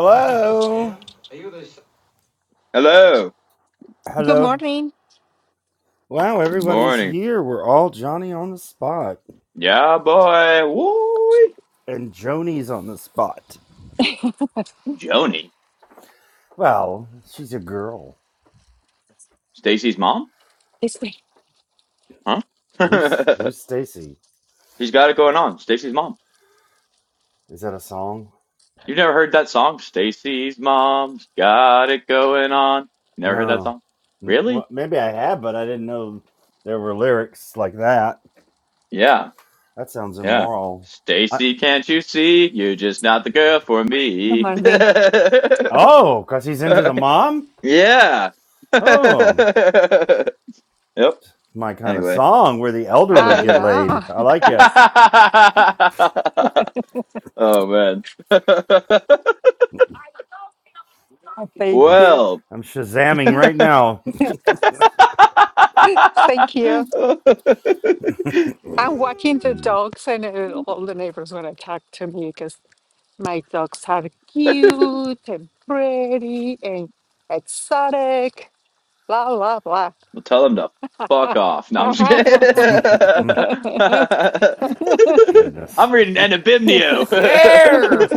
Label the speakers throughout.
Speaker 1: Hello.
Speaker 2: Hello.
Speaker 3: Good
Speaker 1: Hello.
Speaker 3: morning.
Speaker 1: Wow,
Speaker 2: Good
Speaker 1: everybody's
Speaker 2: morning.
Speaker 1: here. We're all Johnny on the spot
Speaker 2: Yeah, boy. Woo.
Speaker 1: and Joni's on the spot.
Speaker 2: Joni.
Speaker 1: Well, she's a girl.
Speaker 2: Stacy's mom?
Speaker 3: This way.
Speaker 2: Huh?
Speaker 1: Who's who's Stacy?
Speaker 2: She's got it going on. Stacy's mom.
Speaker 1: Is that a song?
Speaker 2: You've never heard that song? Stacy's mom's got it going on. Never heard that
Speaker 1: No.
Speaker 2: song?
Speaker 1: N-
Speaker 2: Really?
Speaker 1: Well, maybe I have, but I didn't know there were lyrics like that.
Speaker 2: Yeah.
Speaker 1: That sounds
Speaker 2: Yeah.
Speaker 1: immoral. I,
Speaker 2: Stacy, can't you see? You're just not the girl for
Speaker 3: Good
Speaker 2: me.
Speaker 3: morning.
Speaker 1: oh, cuz he's into the mom?
Speaker 2: yeah.
Speaker 1: Oh,
Speaker 2: yep.
Speaker 1: my kind of
Speaker 2: Anyway.
Speaker 1: song where the elderly
Speaker 3: I
Speaker 1: get
Speaker 3: know.
Speaker 1: laid. I like it.
Speaker 2: Oh man.
Speaker 3: Thank
Speaker 1: I'm sh-
Speaker 3: you.
Speaker 2: Well.
Speaker 1: I'm shazamming right now.
Speaker 2: Well,
Speaker 3: Thank you. I'm walking the dogs, and uh, all the neighbors want to talk to me because my dogs are cute and pretty and exotic. Blah, blah,
Speaker 2: tell them to fuck off. No, I'm just kidding.
Speaker 3: blah.
Speaker 1: Goodness.
Speaker 2: I'm reading Enabimnio.
Speaker 1: Yeah.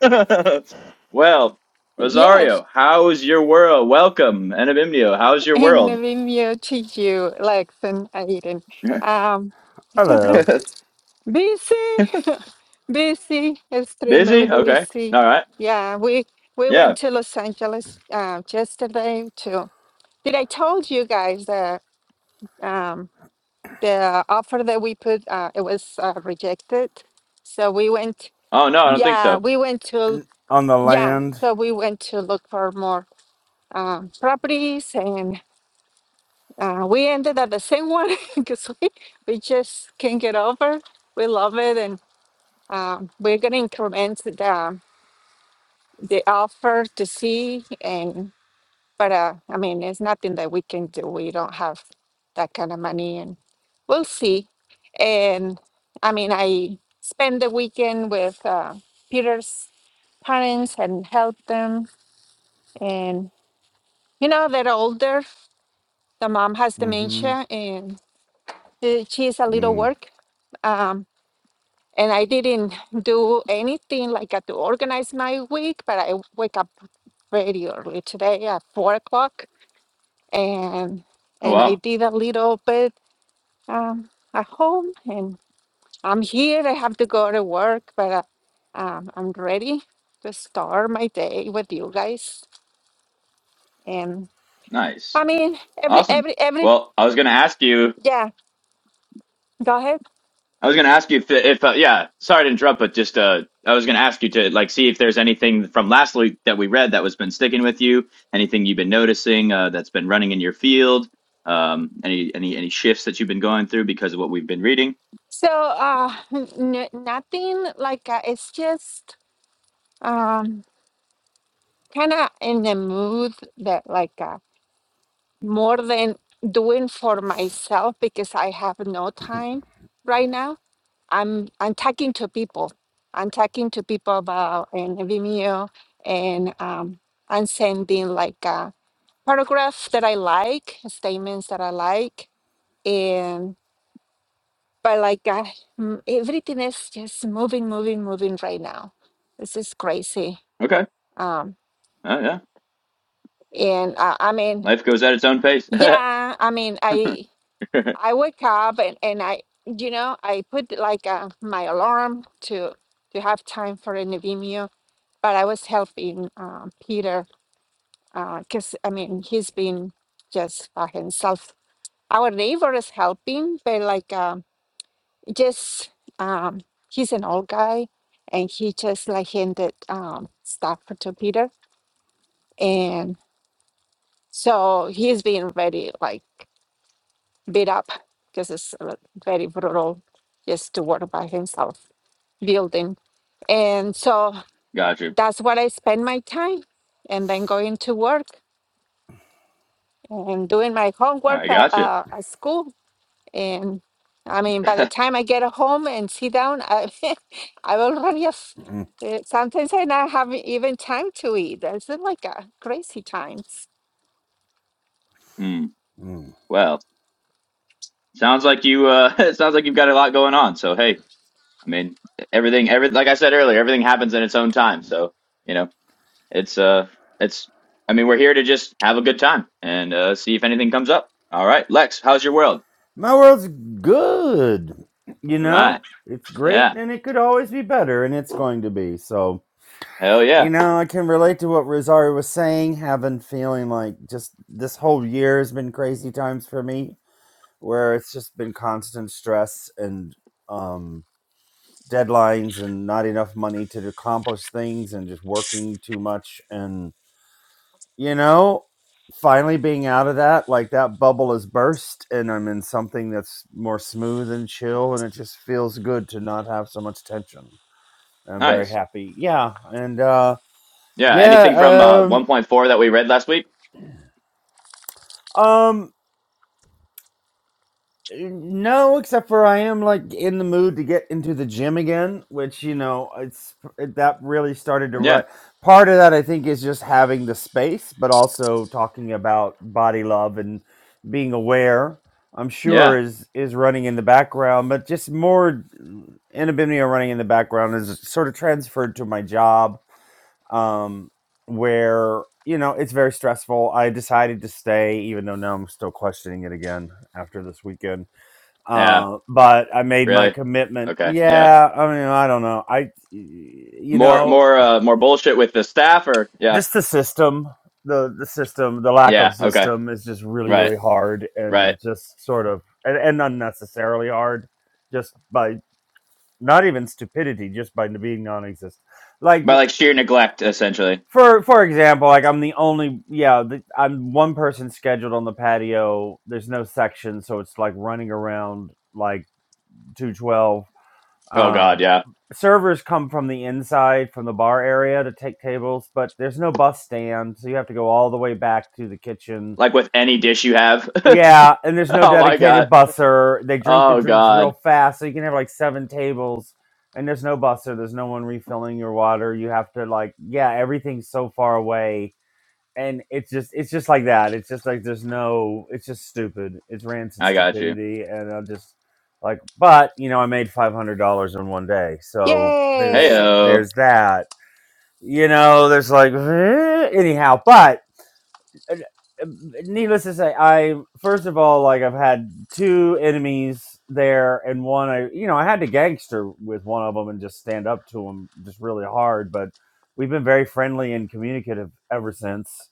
Speaker 2: No. well,
Speaker 3: Yes,
Speaker 2: Rosario, how is your world? Welcome, Enabimnio. How's your
Speaker 3: in
Speaker 2: world?
Speaker 3: Vimeo to you, Lex and Aiden. Um,
Speaker 1: Hello.
Speaker 3: busy, Busy, extremely
Speaker 2: Busy? Okay.
Speaker 3: busy.
Speaker 2: All right.
Speaker 3: Yeah, we we
Speaker 2: Yeah.
Speaker 3: went to Los Angeles uh, yesterday to. Did I told you guys that um, the offer that we put uh, it was uh, rejected? So we went.
Speaker 2: Oh no, I
Speaker 1: N-
Speaker 2: don't think
Speaker 3: Yeah,
Speaker 2: so.
Speaker 3: we went to.
Speaker 1: n- on the
Speaker 3: Yeah,
Speaker 1: land.
Speaker 3: so we went to look for more um, properties, and uh, we ended at the same one because we we just can't get over. We love it, and um, we're gonna increment the. They offer to see and but uh, i mean it's nothing that we can do we don't have that kind of money and we'll see and i mean i spend the weekend with uh, peter's parents and help them and you know they're older the mom has
Speaker 1: Mm-hmm.
Speaker 3: dementia and uh, she's a little
Speaker 1: Mm,
Speaker 3: work um, and I didn't do anything like I to organize my week, but I wake up very early today at four o'clock and
Speaker 2: Oh
Speaker 3: and I
Speaker 2: wow,
Speaker 3: did a little bit um, at home, and I'm here. I have to go to work, but uh, um, I'm ready to start my day with you guys. And
Speaker 2: nice,
Speaker 3: I mean, every
Speaker 2: awesome.
Speaker 3: every every
Speaker 2: Well, I was gonna ask you.
Speaker 3: yeah. Go ahead.
Speaker 2: I was gonna ask you if, if uh, yeah. Sorry to interrupt, but just uh, I was gonna ask you to like see if there's anything from last week that we read that was been sticking with you. Anything you've been noticing uh, that's been running in your field. Um, any any any shifts that you've been going through because of what we've been reading.
Speaker 3: So uh, n- n- nothing like uh, it's just um, kind of in the mood that like uh, more than doing for myself because I have no time right now I'm I'm talking to people. I'm talking to people about an Vimeo and um, I'm sending like a paragraph that I like, statements that I like, and but like uh, mm, everything is just moving, moving, moving right now. This is crazy.
Speaker 2: Okay.
Speaker 3: Um,
Speaker 2: Oh yeah.
Speaker 3: and uh, I mean,
Speaker 2: Life goes at its own pace.
Speaker 3: yeah, I mean, I I wake up and and I you know I put like uh, my alarm to to have time for an Vimeo but I was helping uh, Peter because I mean he's been just by himself. Our neighbor is helping, but like um, just um, he's an old guy, and he just like handed um, stuff to Peter, and so he's been very like beat up because it's uh, very brutal just to work by himself building, and so
Speaker 2: got you.
Speaker 3: that's what I spend my time, and then going to work and doing my homework
Speaker 2: I
Speaker 3: uh,
Speaker 2: got you.
Speaker 3: uh, at school. And I mean, by the time I get home and sit down, I, I already have,
Speaker 1: mm,
Speaker 3: uh, sometimes I not have even time to eat. It's uh, like a crazy times.
Speaker 2: Hmm.
Speaker 1: mm.
Speaker 2: Well, sounds like you. Uh, it sounds like you've got a lot going on. So hey, I mean, everything, every like I said earlier, everything happens in its own time. So you know, it's uh, it's. I mean, we're here to just have a good time and uh, see if anything comes up. All right, Lex, how's your world?
Speaker 1: My world's good. You
Speaker 2: All right,
Speaker 1: know, it's great,
Speaker 2: yeah,
Speaker 1: and it could always be better, and it's going to be. So,
Speaker 2: hell
Speaker 1: you
Speaker 2: yeah,
Speaker 1: know, I can relate to what Rosario was saying. Having feeling like just this whole year has been crazy times for me, where it's just been constant stress and um deadlines and not enough money to accomplish things and just working too much and you know finally being out of that like that bubble has burst and i'm in something that's more smooth and chill and it just feels good to not have so much tension i'm very
Speaker 2: nice.
Speaker 1: happy yeah and uh
Speaker 2: Yeah, anything from uh
Speaker 1: yeah
Speaker 2: 1.4 that we read last week?
Speaker 1: um um No, except for I am like in the mood to get into the gym again, which you know, it's it, that really started to
Speaker 2: Yeah,
Speaker 1: rut. Part of that I think is just having the space, but also talking about body love and being aware. I'm sure
Speaker 2: yeah,
Speaker 1: is is running in the background, but just more anonymity running in the background is sort of transferred to my job, um, where you know it's very stressful. I decided to stay, even though now I'm still questioning it again after this weekend
Speaker 2: yeah.
Speaker 1: uh, but I made my
Speaker 2: Really?
Speaker 1: commitment.
Speaker 2: Okay, yeah.
Speaker 1: Yeah, I mean, I don't know. I, you
Speaker 2: More,
Speaker 1: know,
Speaker 2: more, uh, more bullshit with the staff, or yeah,
Speaker 1: just the system, the the system, the lack of
Speaker 2: yeah. Okay,
Speaker 1: system is just really,
Speaker 2: right,
Speaker 1: really hard, and i
Speaker 2: right.
Speaker 1: just sort of and, and unnecessarily hard, just by not even stupidity, just by being non-existent. Like
Speaker 2: But like sheer neglect, essentially.
Speaker 1: for for example, like I'm the only yeah, the, I'm one person scheduled on the patio. There's no section, so it's like running around like 212
Speaker 2: Oh God,
Speaker 1: Um,
Speaker 2: yeah.
Speaker 1: servers come from the inside, from the bar area to take tables, but there's no bus stand, so you have to go all the way back to the kitchen.
Speaker 2: Like with any dish you have.
Speaker 1: Yeah, and there's no
Speaker 2: Oh my
Speaker 1: dedicated
Speaker 2: God.
Speaker 1: busser. They drink the
Speaker 2: Oh
Speaker 1: drinks real
Speaker 2: God.
Speaker 1: fast, so you can have like seven tables, and there's no busser. There's no one refilling your water. You have to like, yeah, everything's so far away and it's just it's just like that. It's just like there's no. It's just stupid. It's rancid
Speaker 2: I got you.
Speaker 1: stupidity, and I'm just like, but you know, I made five hundred dollars in one day, so there's
Speaker 3: Yay!
Speaker 2: Heyo.
Speaker 1: there's that. You know, there's like eh, anyhow, but uh, uh, needless to say, I first of all, like I've had two enemies there, and one I, you know, I had to gangster with one of them and just stand up to him just really hard. But we've been very friendly and communicative ever since,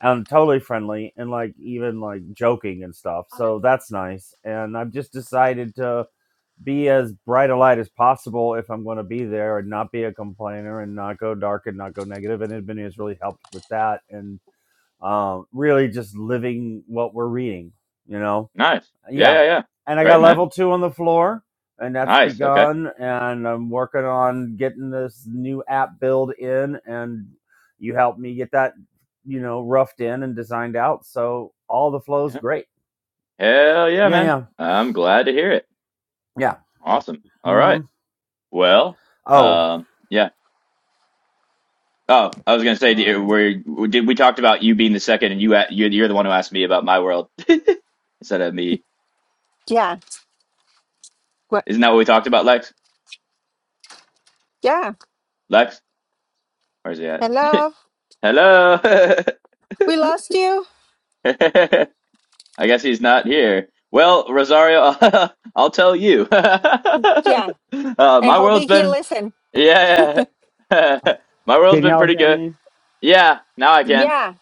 Speaker 1: and totally friendly and like even like joking and stuff. So that's nice. And I've just decided to be as bright a light as possible if I'm going to be there and not be a complainer and not go dark and not go negative. And Ibini has really helped with that. And um, really just living what we're reading, you know?
Speaker 2: Nice. Yeah,
Speaker 1: Yeah.
Speaker 2: yeah, yeah.
Speaker 1: And I got
Speaker 2: Great, man.
Speaker 1: level two on the floor, and that's
Speaker 2: Nice. Okay.
Speaker 1: begun. And I'm working on getting this new app build in, and you helped me get that, you know, roughed in and designed out. So all the flow's
Speaker 2: Yeah.
Speaker 1: great.
Speaker 2: Hell yeah,
Speaker 1: Yeah,
Speaker 2: man.
Speaker 1: yeah,
Speaker 2: I'm glad to hear it.
Speaker 1: yeah.
Speaker 2: Awesome. All right.
Speaker 1: hmm
Speaker 2: Well,
Speaker 1: Oh,
Speaker 2: um, yeah. Oh, I was gonna say, do- were did we talked about you being the second, and you a- you're you're the one who asked me about my world instead of me.
Speaker 3: Yeah. What?
Speaker 2: Isn't that what we talked about, Lex?
Speaker 3: Yeah.
Speaker 2: Lex, where's he at?
Speaker 3: Hello.
Speaker 2: Hello.
Speaker 3: We lost you.
Speaker 2: I guess he's not here. Well, Rosario, I'll tell you. uh,
Speaker 3: Yeah. And
Speaker 2: my world's
Speaker 3: hoping he
Speaker 2: been,
Speaker 3: listen.
Speaker 2: yeah, my world's
Speaker 1: can
Speaker 2: been
Speaker 1: y'all
Speaker 2: pretty
Speaker 1: hear
Speaker 2: good.
Speaker 1: me?
Speaker 2: Yeah, now I can.
Speaker 3: Yeah.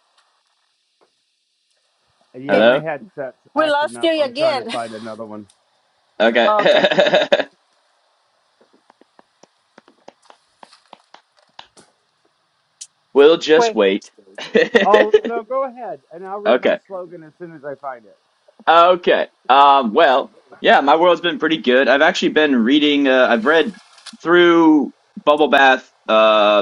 Speaker 1: Yeah,
Speaker 3: He-
Speaker 1: my
Speaker 2: Hello?
Speaker 1: headset's
Speaker 3: We
Speaker 1: acting
Speaker 3: lost
Speaker 1: up.
Speaker 3: you
Speaker 1: I'm trying to
Speaker 3: again.
Speaker 1: find another one.
Speaker 2: Okay.
Speaker 3: Okay.
Speaker 2: we'll just
Speaker 3: Wait.
Speaker 2: wait.
Speaker 1: Oh, no, go ahead, and I'll read my
Speaker 2: okay.
Speaker 1: slogan as soon as I find it.
Speaker 2: Okay. Um, well, yeah, my world's been pretty good. I've actually been reading, uh, I've read through Bubble Bath, uh,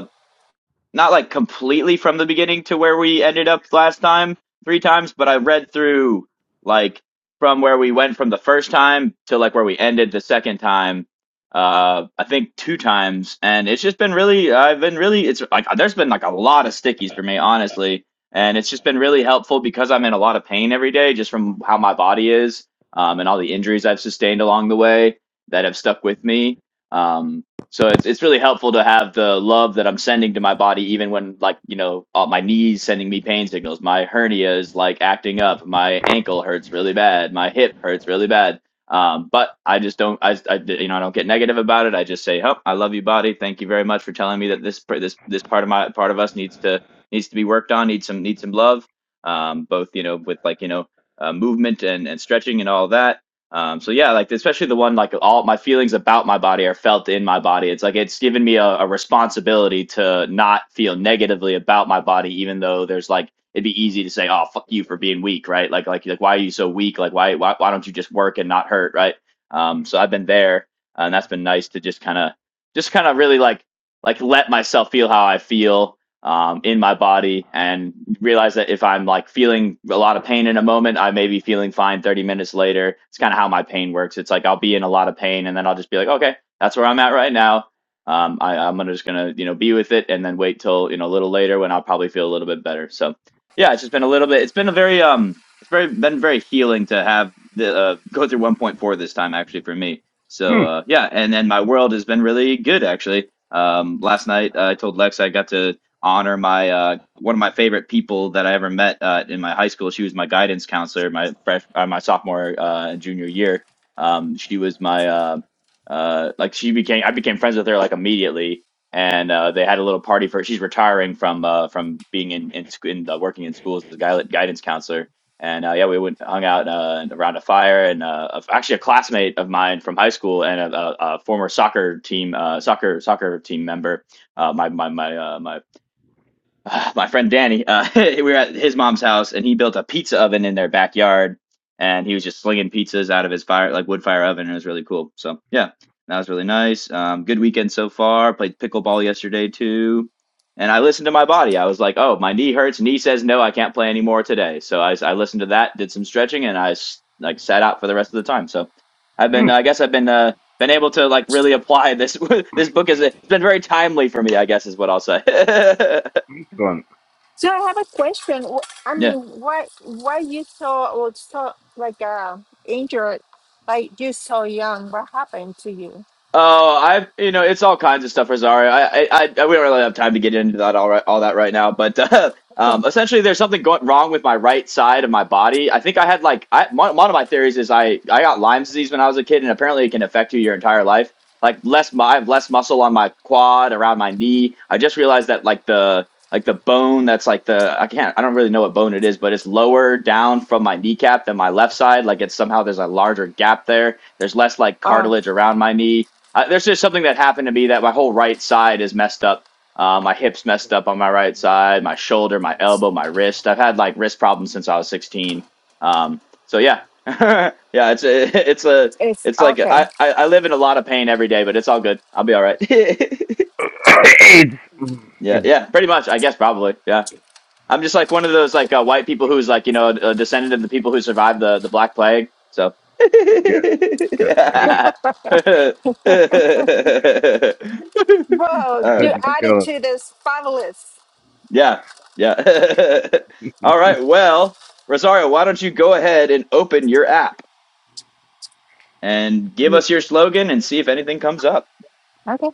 Speaker 2: not like completely from the beginning to where we ended up last time three times, but I read through like from where we went from the first time to like where we ended the second time. Uh, I think two times, and it's just been really. I've been really. It's like there's been like a lot of stickies for me, honestly, and it's just been really helpful because I'm in a lot of pain every day just from how my body is, um, and all the injuries I've sustained along the way that have stuck with me. Um, so it's it's really helpful to have the love that I'm sending to my body, even when like you know uh, my knees sending me pain signals, my hernia is like acting up, my ankle hurts really bad, my hip hurts really bad. Um, but I just don't, I, I you know I don't get negative about it. I just say, oh, I love you, body. Thank you very much for telling me that this pr- this this part of my part of us needs to needs to be worked on, needs some needs some love. Um, both you know with like you know uh, movement and and stretching and all that um, so yeah, like especially the one like all my feelings about my body are felt in my body. It's like it's given me a, a responsibility to not feel negatively about my body, even though there's like it'd be easy to say, "Oh, fuck you for being weak," right? Like like like why are you so weak? Like why why why don't you just work and not hurt, right? Um, so I've been there, and that's been nice to just kind of just kind of really like like let myself feel how I feel um, in my body and realize that if I'm like feeling a lot of pain in a moment, I may be feeling fine 30 minutes later. It's kind of how my pain works. It's like I'll be in a lot of pain and then I'll just be like, okay, that's where I'm at right now. Um, I, I'm gonna just gonna you know be with it and then wait till you know a little later when I'll probably feel a little bit better. So yeah, it's just been a little bit. It's been a very um, it's very been very healing to have the uh, go through 1.4 this time actually for me. So
Speaker 1: Hmm.
Speaker 2: uh, yeah, and then my world has been really good actually. Um, last night uh, I told Lex I got to honor my uh, one of my favorite people that I ever met uh, in my high school. She was my guidance counselor my fresh uh, my sophomore uh, and junior year. Um, she was my uh, uh, like she became I became friends with her like immediately, and uh, they had a little party for her. she's retiring from uh, from being in in, sc- in uh, working in schools as a guil- guidance counselor. And uh, yeah, we went hung out uh, around a fire, and uh, a- actually a classmate of mine from high school and a, a, a former soccer team uh, soccer soccer team member uh, my my my uh, my uh, my friend Danny, uh, we were at his mom's house and he built a pizza oven in their backyard and he was just slinging pizzas out of his fire, like wood fire oven. And it was really cool. So yeah, that was really nice. Um, good weekend so far. Played pickleball yesterday too. And I listened to my body. I was like, oh, my knee hurts. Knee says no, I can't play anymore today. So I, I listened to that, did some stretching and I s- like sat out for the rest of the time. So I've been, I guess I've been, uh, been able to like really apply this this book is it's been very timely for me i guess is what i'll say
Speaker 3: So I have a question. Wh- I
Speaker 2: Yeah.
Speaker 3: mean, why why you so or so like uh injured, like you so young? What happened to you?
Speaker 2: Oh, I've you know it's all kinds of stuff, Rosario. I, I, I we don't really have time to get into that all right, all that right now. But uh,
Speaker 3: Yeah.
Speaker 2: um, essentially, there's something going wrong with my right side of my body. I think I had like I, one, one of my theories is I I got Lyme's disease when I was a kid, and apparently it can affect you your entire life. Like less, mu- I have less muscle on my quad, around my knee. I just realized that like the like the bone that's like the I can't I don't really know what bone it is, but it's lower down from my kneecap than my left side. Like it's somehow there's a larger gap there. There's less like
Speaker 3: Oh,
Speaker 2: cartilage around my knee I, there's just something that happened to me that my whole right side is messed up. Uh, my hips messed up on my right side, my shoulder, my elbow, my wrist. I've had like wrist problems since I was 16. Um, so yeah, yeah, it's a, it's a,
Speaker 3: it's
Speaker 2: it's like
Speaker 3: okay.
Speaker 2: I, I, I live in a lot of pain every day, but it's all good. I'll be all right. yeah,
Speaker 1: Anyway.
Speaker 2: yeah, pretty much. I guess probably. Yeah. I'm just like one of those like uh, white people who's like you know a descendant of the people who survived the the Black Plague. So.
Speaker 1: that they
Speaker 3: Bro,
Speaker 2: uh,
Speaker 3: you
Speaker 1: couldn't
Speaker 3: added
Speaker 1: kill him
Speaker 3: to this fabulous.
Speaker 2: yeah, yeah. All right. Well, Rosario, why don't you go ahead and open your app and give
Speaker 3: Yeah.
Speaker 2: us your slogan and see if anything comes up.
Speaker 3: Okay.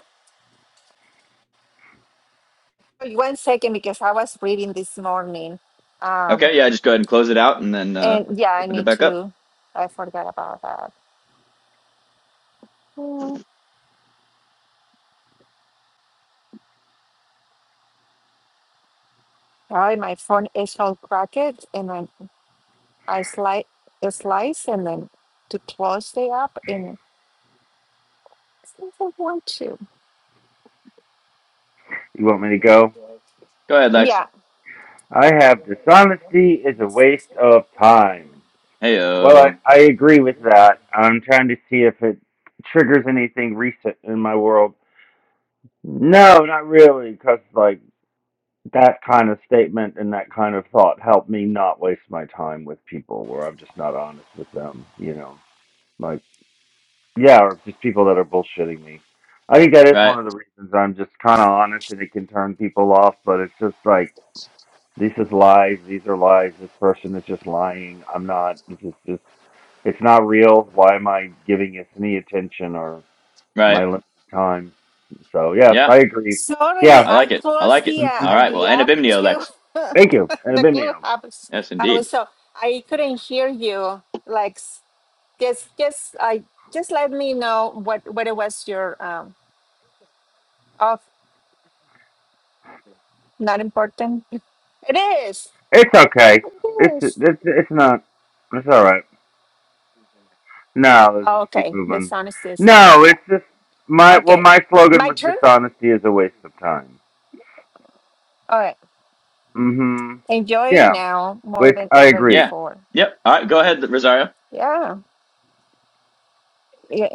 Speaker 3: One second, because I was reading this morning. Um,
Speaker 2: Okay. Yeah. Just go ahead and close it out and then uh,
Speaker 3: and yeah, I
Speaker 2: open it
Speaker 3: need
Speaker 2: back up.
Speaker 3: to. I forgot about that. Mm. Sorry, my phone is all cracked, and then I slide, slice, and then to close the app, and think I want to.
Speaker 2: Go ahead, Lex.
Speaker 3: Yeah.
Speaker 2: Hey,
Speaker 1: to see if it triggers anything recent in my world. No, not really, because like that kind of statement and that kind of thought helped me not waste my time with people where I'm just not honest with them. You know, like yeah, or just people that are bullshitting me. I think that is
Speaker 2: Right.
Speaker 1: one of the reasons I'm just kind of honest, and it can turn people off. But it's just like this is lies. These are lies. This person is just lying. I'm not. This is just. It's not real. I'm giving it any or
Speaker 2: Right.
Speaker 1: my limited time.
Speaker 2: Yeah.
Speaker 1: Yeah,
Speaker 3: Sorry,
Speaker 2: I
Speaker 3: I
Speaker 2: like it. I
Speaker 3: closed
Speaker 2: like it.
Speaker 3: the
Speaker 2: All
Speaker 3: uh,
Speaker 2: right. Well,
Speaker 3: the
Speaker 2: and
Speaker 3: app
Speaker 2: Abimnio,
Speaker 3: too.
Speaker 2: Lex.
Speaker 1: it,
Speaker 3: the clubhouse.
Speaker 2: Yes,
Speaker 3: I
Speaker 2: indeed.
Speaker 3: was so I couldn't hear you. Like s- just just I just let me know what what it was your um off. Not important. It is.
Speaker 1: it's okay.
Speaker 3: It
Speaker 1: It's
Speaker 3: is.
Speaker 1: it's it's not. It's all right. No, let's just keep
Speaker 3: Okay. The
Speaker 1: moving.
Speaker 3: sound is this away.
Speaker 1: No,
Speaker 3: Yeah.
Speaker 1: it's just my well,
Speaker 3: Okay.
Speaker 1: my slogan
Speaker 3: My
Speaker 1: was
Speaker 3: turn.
Speaker 1: dishonesty is a waste of time.
Speaker 3: All right.
Speaker 1: Mm-hmm.
Speaker 3: Enjoy
Speaker 1: Yeah,
Speaker 3: now more
Speaker 1: which
Speaker 3: than
Speaker 1: I
Speaker 3: ever
Speaker 1: agree.
Speaker 2: Yeah.
Speaker 3: before.
Speaker 2: Yep. All right. Go ahead, Rosario.
Speaker 3: Yeah. Yeah,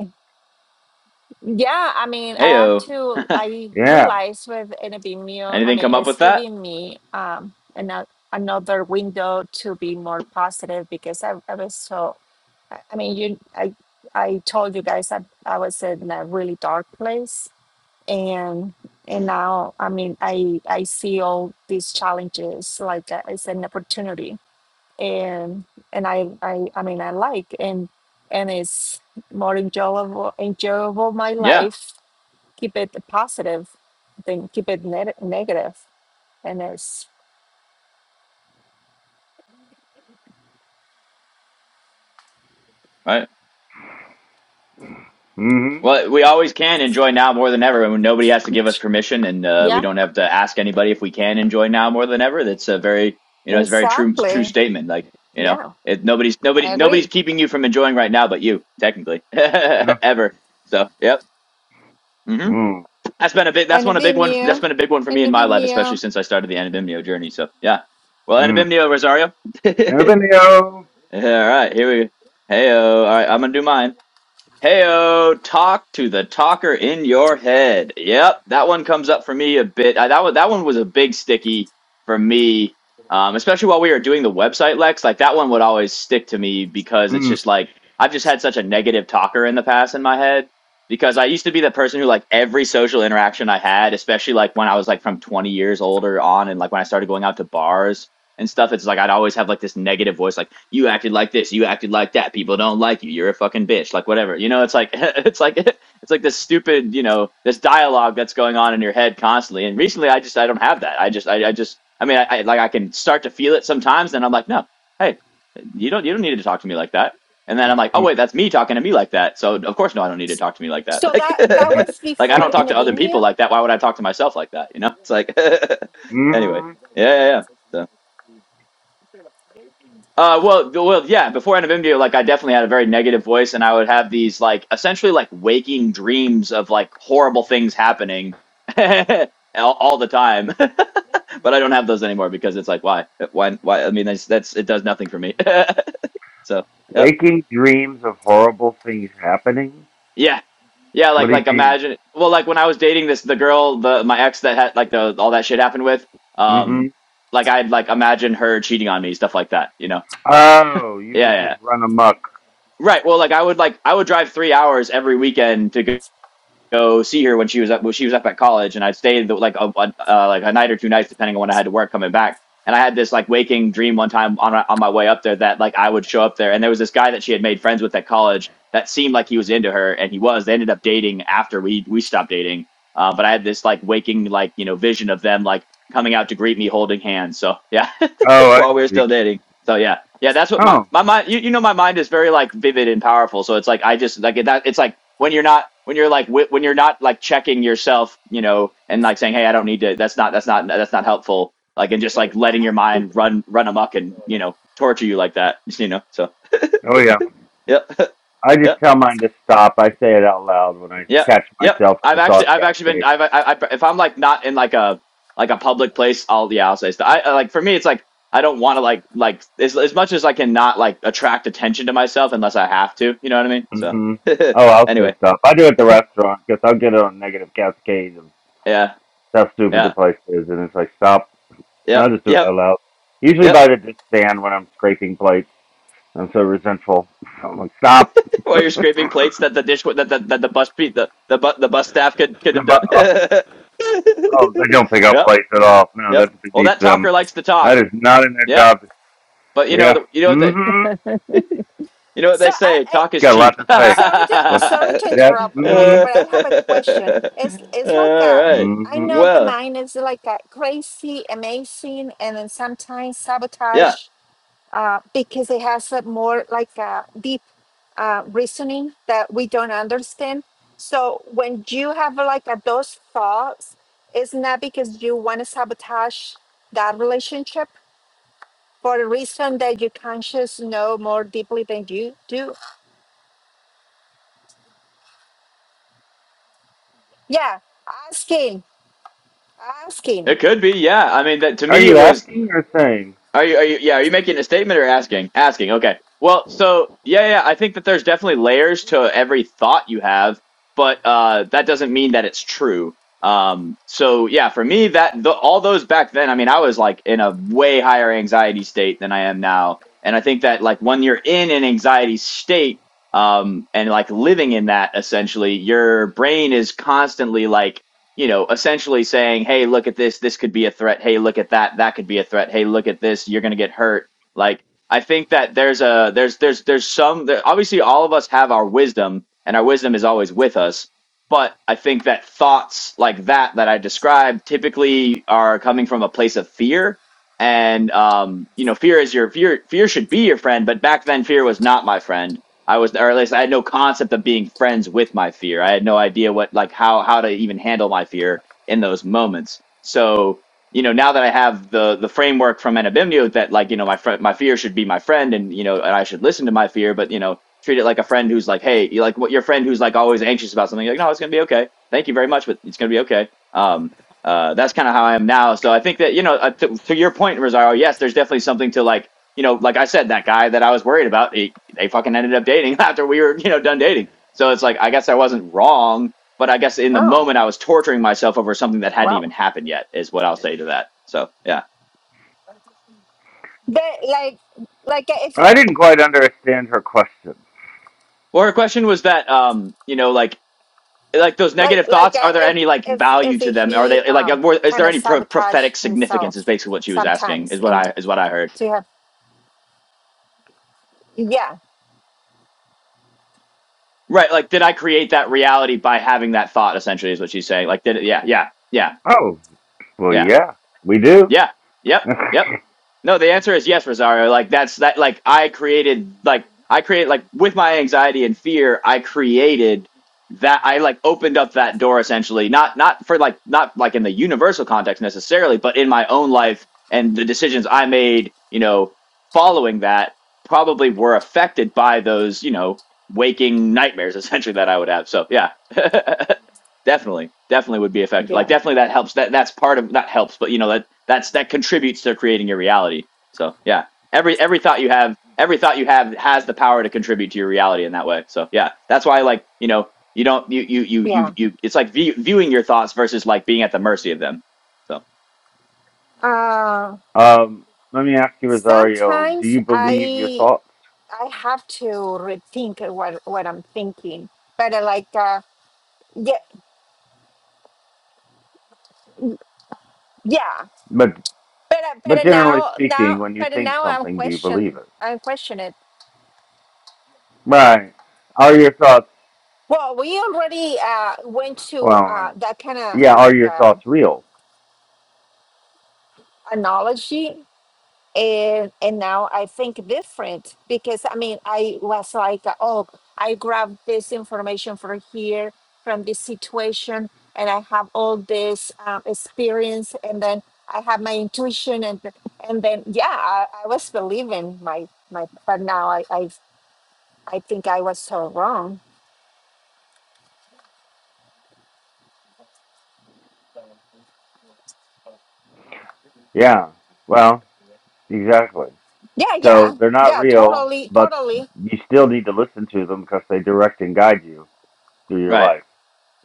Speaker 3: Yeah, I mean, I have
Speaker 2: Heyo.
Speaker 3: to. I
Speaker 1: Yeah.
Speaker 3: realize with NBMU, I
Speaker 2: Anything
Speaker 3: mean,
Speaker 2: come up
Speaker 3: it's
Speaker 2: with that?
Speaker 3: giving me um another another window to be more positive because I, I was so. I I mean, you, I, I told you guys that I was in a really dark place, and and now, I mean, I I see all these challenges like uh, it's an opportunity, and and I I I mean, I like and and it's more enjoyable enjoyable my
Speaker 2: Yeah.
Speaker 3: life keep it positive then keep it neg- negative and it's
Speaker 2: All right.
Speaker 1: Mm-hmm.
Speaker 2: Well, we always can enjoy now more than ever, and nobody has to give us permission, and uh, we
Speaker 3: yeah
Speaker 2: don't have to ask anybody if we can enjoy now more than ever. That's a very, you know, it's a very true, true
Speaker 3: exactly
Speaker 2: statement. Like, you know,
Speaker 3: yeah
Speaker 2: it, nobody's
Speaker 3: i
Speaker 2: nobody nobody's
Speaker 3: agree
Speaker 2: keeping you from enjoying right now, but you, technically, ever. So, yep. hmm
Speaker 1: Mm.
Speaker 2: That's been a big. That's
Speaker 3: and
Speaker 2: one a big one. That's
Speaker 3: vimeo
Speaker 2: been a big one for me
Speaker 3: and
Speaker 2: in my life, especially
Speaker 3: vimeo
Speaker 2: since I started the Anabimnio journey. So yeah. Well,
Speaker 1: Mm.
Speaker 2: Anabimnio Rosario.
Speaker 1: Never been there.
Speaker 2: All right, here we. go. Heyo. All right, I'm gonna do mine. Heyo, talk to the talker in your head. Yep, that one comes up for me a bit. Uh, that one, that one was a big sticky for me, um, especially while we were doing the website Lex. Like that one would always stick to me because it's
Speaker 1: Mm.
Speaker 2: just like I've just had such a negative talker in the past in my head because I used to be the person who like every social interaction I had, especially like when I was like from 20 years older on and like when I started going out to bars and stuff. It's like I'd always have like this negative voice, like you acted like this, you acted like that. People don't like you. You're a fucking bitch. Like whatever. You know, it's like it's like it's like this stupid, you know, this dialogue that's going on in your head constantly. And recently, I just I don't have that. I just I, I just I mean, I, I like I can start to feel it sometimes. Then I'm like, no, hey, you don't you don't need to talk to me like that. And then I'm like, oh
Speaker 1: Mm-hmm.
Speaker 2: wait, that's me talking to me like that. So of course, no, I don't need to talk to me like that.
Speaker 3: so
Speaker 2: Like,
Speaker 3: that that
Speaker 1: Mm-hmm.
Speaker 3: was
Speaker 2: like I
Speaker 3: before
Speaker 2: don't talk
Speaker 3: and
Speaker 2: to other people
Speaker 3: vimeo
Speaker 2: like that. Why would I talk to myself like that? You know, it's like, anyway,
Speaker 1: Mm-hmm.
Speaker 2: yeah, yeah, yeah. So. Uh, well, th- well, yeah. Before end of NFMDO, like I definitely had a very negative voice, and I would have these like essentially like waking dreams of like horrible things happening all, all the time. but I don't have those anymore because it's like why, why, why? I mean, that's that's it does nothing for me. so, yep,
Speaker 1: Waking dreams of horrible things happening.
Speaker 2: yeah, yeah.
Speaker 1: What
Speaker 2: Like
Speaker 1: do you
Speaker 2: like
Speaker 1: mean?
Speaker 2: imagine, well, like when I was dating this the girl, the my ex that had like the all that shit happened with,
Speaker 1: Mm-hmm.
Speaker 2: um, like I'd like imagine her cheating on me, stuff like that, you know?
Speaker 1: Oh, you
Speaker 2: yeah
Speaker 1: would
Speaker 2: yeah.
Speaker 1: just run amok.
Speaker 2: Right. Well, like I would like I would drive three hours every weekend to go, go see her when she was up when she was up at college, and I'd stay the, like a, a uh, like a night or two nights depending on when I had to work coming back. And I had this like waking dream one time on on my way up there that like I would show up there, and there was this guy that she had made friends with at college that seemed like he was into her, and he was. They ended up dating after we we stopped dating. Uh, but I had this like waking like you know vision of them like coming out to greet me holding hands. So yeah
Speaker 1: Oh, I
Speaker 2: while we were
Speaker 1: see.
Speaker 2: still dating. So yeah, yeah, that's what my
Speaker 1: Oh.
Speaker 2: my mind. You, you know, my mind is very like vivid and powerful. So it's like I just like that. It's like when you're not when you're like wi- when you're not like checking yourself, you know, and like saying, hey, I don't need to. That's not that's not that's not helpful.
Speaker 3: But
Speaker 2: Like and just like letting
Speaker 3: I, I,
Speaker 2: your mind run run amok and you know torture you like that. You know. So
Speaker 1: Oh yeah.
Speaker 2: yep,
Speaker 1: I
Speaker 2: yep.
Speaker 1: just tell mine to stop. I say it out loud when I
Speaker 2: Yep,
Speaker 1: catch
Speaker 2: yep.
Speaker 1: myself in
Speaker 2: I've
Speaker 1: the thought
Speaker 2: actually, I've actually been,
Speaker 1: cascade.
Speaker 2: I've, I, I, if I'm like not in like a like a public place, I'll yeah, I'll say stuff. I I, like for me, it's like I don't want to like like as as much as I can not like attract attention to myself unless I have to. You know what I mean? So
Speaker 1: hmm Oh, I'll say
Speaker 2: anyway,
Speaker 1: stop. I do it at the restaurant because I'll get on a negative cascade of
Speaker 2: yeah,
Speaker 1: how stupid the
Speaker 2: yeah,
Speaker 1: place is, and it's like stop. I'll
Speaker 2: yep,
Speaker 1: just do it
Speaker 2: yep.
Speaker 1: out loud. Usually
Speaker 2: Yep.
Speaker 1: by the dish stand when I'm scraping plates. I'm so resentful. I'm like stop.
Speaker 2: While you're scraping plates that the dish that that that the bus pe- the the bu- the bus staff could could
Speaker 1: No,
Speaker 2: have done.
Speaker 1: But, oh, oh, they don't pick up
Speaker 2: yep.
Speaker 1: plates at all. No,
Speaker 2: Yep.
Speaker 1: that's
Speaker 2: Well,
Speaker 1: beneath
Speaker 2: that
Speaker 1: them.
Speaker 2: talker likes to talk.
Speaker 1: That is not in their
Speaker 2: Yep.
Speaker 1: job.
Speaker 2: But you know,
Speaker 1: Yeah.
Speaker 2: the, you know what
Speaker 1: mm
Speaker 2: the
Speaker 1: hmm
Speaker 2: You know what
Speaker 3: so
Speaker 2: they
Speaker 3: I,
Speaker 2: say,
Speaker 3: I
Speaker 2: talk
Speaker 1: It's
Speaker 2: is
Speaker 1: got a lot
Speaker 2: cheap.
Speaker 1: to
Speaker 2: All
Speaker 1: say.
Speaker 3: sorry to
Speaker 1: What?
Speaker 3: sorry to
Speaker 1: Yeah.
Speaker 3: interrupt like
Speaker 1: Mm-hmm.
Speaker 3: but i have a question it's it's like a
Speaker 2: right.
Speaker 3: i know
Speaker 1: Mhm.
Speaker 3: the
Speaker 2: Well,
Speaker 3: mind is like a crazy amazing and then sometimes sabotage
Speaker 2: yeah,
Speaker 3: uh, because it has a more like a deep uh, reasoning that we don't understand. So when you have like a, those thoughts, it's not because you want to sabotage that relationship for a reason that your conscious know more deeply than you do. Yeah, asking, asking.
Speaker 2: it could be. Yeah. I mean that to
Speaker 1: Are
Speaker 2: me it
Speaker 1: you
Speaker 2: was
Speaker 1: asking or saying?
Speaker 2: Are you, are you, yeah, are you making a statement or asking? Asking, okay. Well, so yeah, yeah, I think that there's definitely layers to every thought you have, but uh, that doesn't mean that it's true. Um, so yeah, for me, that the, all those back then, I mean, I was like in a way higher anxiety state than I am now, and I think that like when you're in an anxiety state, um, and like living in that, essentially, your brain is constantly like you know, essentially saying, "Hey, look at this. This could be a threat. Hey, look at that. That could be a threat. Hey, look at this. You're going to get hurt." Like, I think that there's a there's there's there's some there, obviously all of us have our wisdom, and our wisdom is always with us. But I think that thoughts like that that I described typically are coming from a place of fear, and um, you know, fear is your fear. Fear should be your friend, but back then, fear was not my friend I was, or at least I had no concept of being friends with my fear. I had no idea what, like, how how to even handle my fear in those moments. So, you know, now that I have the the framework from Anabimnio that, like, you know, my friend, my fear should be my friend, and you know, and I should listen to my fear, but you know, treat it like a friend who's like, hey, you like what your friend who's like always anxious about something, like, no, it's gonna be okay. Thank you very much, but it's gonna be okay. Um, uh, that's kind of how I am now. So I think that you know, uh, to, to your point, Rosario, yes, there's definitely something to like you know, like I said, that guy that I was worried about, he, they fucking ended up dating after we were, you know, done dating. So it's like, I guess I wasn't wrong, but I guess in the
Speaker 3: Oh,
Speaker 2: moment I was torturing myself over something that hadn't
Speaker 3: wow.
Speaker 2: even happened yet, is what I'll say to that. So yeah.
Speaker 3: That like like uh, if
Speaker 1: I didn't quite understand her question.
Speaker 2: Well, her question was that, um, you know, like, like those
Speaker 3: like
Speaker 2: negative
Speaker 3: like
Speaker 2: thoughts,
Speaker 3: uh,
Speaker 2: are there
Speaker 3: if
Speaker 2: any like
Speaker 3: if
Speaker 2: value to
Speaker 3: if
Speaker 2: them? Are
Speaker 3: he
Speaker 2: they like,
Speaker 3: um
Speaker 2: more, is
Speaker 3: kind
Speaker 2: there
Speaker 3: of
Speaker 2: any pro-
Speaker 3: sabotage
Speaker 2: prophetic significance? Is
Speaker 3: himself
Speaker 2: basically what she was asking. Is
Speaker 3: sometimes
Speaker 2: what
Speaker 3: and.
Speaker 2: I is what I heard.
Speaker 3: Do you have? Yeah,
Speaker 2: Right. Like, did I create that reality by having that thought? Essentially, is what she's saying. Like, did it? Yeah. Yeah. Yeah.
Speaker 1: Oh, well,
Speaker 2: Yeah.
Speaker 1: yeah, we do.
Speaker 2: Yeah. Yep. Yep. No, the answer is yes, Rosario. Like that's that like I created like I create. like with my anxiety and fear, I created that I like opened up that door essentially. Not not for like not like in the universal context necessarily, but in my own life and the decisions I made, you know, following that probably were affected by those, you know, waking nightmares essentially that I would have. So, yeah. Definitely, definitely would be effective. Like
Speaker 3: yeah,
Speaker 2: definitely that helps. That that's part of not helps, but you know that that's that contributes to creating your reality. So yeah, every every thought you have, every thought you have has the power to contribute to your reality in that way. So yeah, that's why like you know you don't you you you
Speaker 3: yeah.
Speaker 2: you, you it's like view, viewing your thoughts versus like being at the mercy of them. So
Speaker 3: Uh,
Speaker 1: um, let me ask you, Rosario. Do
Speaker 3: sometimes
Speaker 1: you believe your
Speaker 3: I
Speaker 1: thoughts?
Speaker 3: I have to rethink what what I'm thinking, but uh, like uh, yeah, yeah.
Speaker 1: But
Speaker 3: But uh, but
Speaker 1: but
Speaker 3: uh,
Speaker 1: generally
Speaker 3: now
Speaker 1: speaking,
Speaker 3: now
Speaker 1: when you
Speaker 3: but uh,
Speaker 1: think
Speaker 3: now I'm
Speaker 1: something, do you believe
Speaker 3: question
Speaker 1: it?
Speaker 3: I'm question it.
Speaker 1: Right. Are your thoughts?
Speaker 3: Well, we already uh, went to uh,
Speaker 1: Well,
Speaker 3: that kind
Speaker 1: yeah.
Speaker 3: of
Speaker 1: Are
Speaker 3: like
Speaker 1: your
Speaker 3: uh,
Speaker 1: thoughts real?
Speaker 3: analogy and and now I think different because I mean I was like oh I grabbed this information from here from this situation and I have all this um, experience and then I have my intuition and th- and then yeah I, I was believing my my but now I, I I think I was so wrong
Speaker 1: Yeah. Well, exactly.
Speaker 3: yeah yeah
Speaker 1: So they're not
Speaker 3: yeah
Speaker 1: real,
Speaker 3: totally
Speaker 1: but
Speaker 3: totally
Speaker 1: you still need to listen to them because they direct and guide you through your
Speaker 2: right,
Speaker 1: life.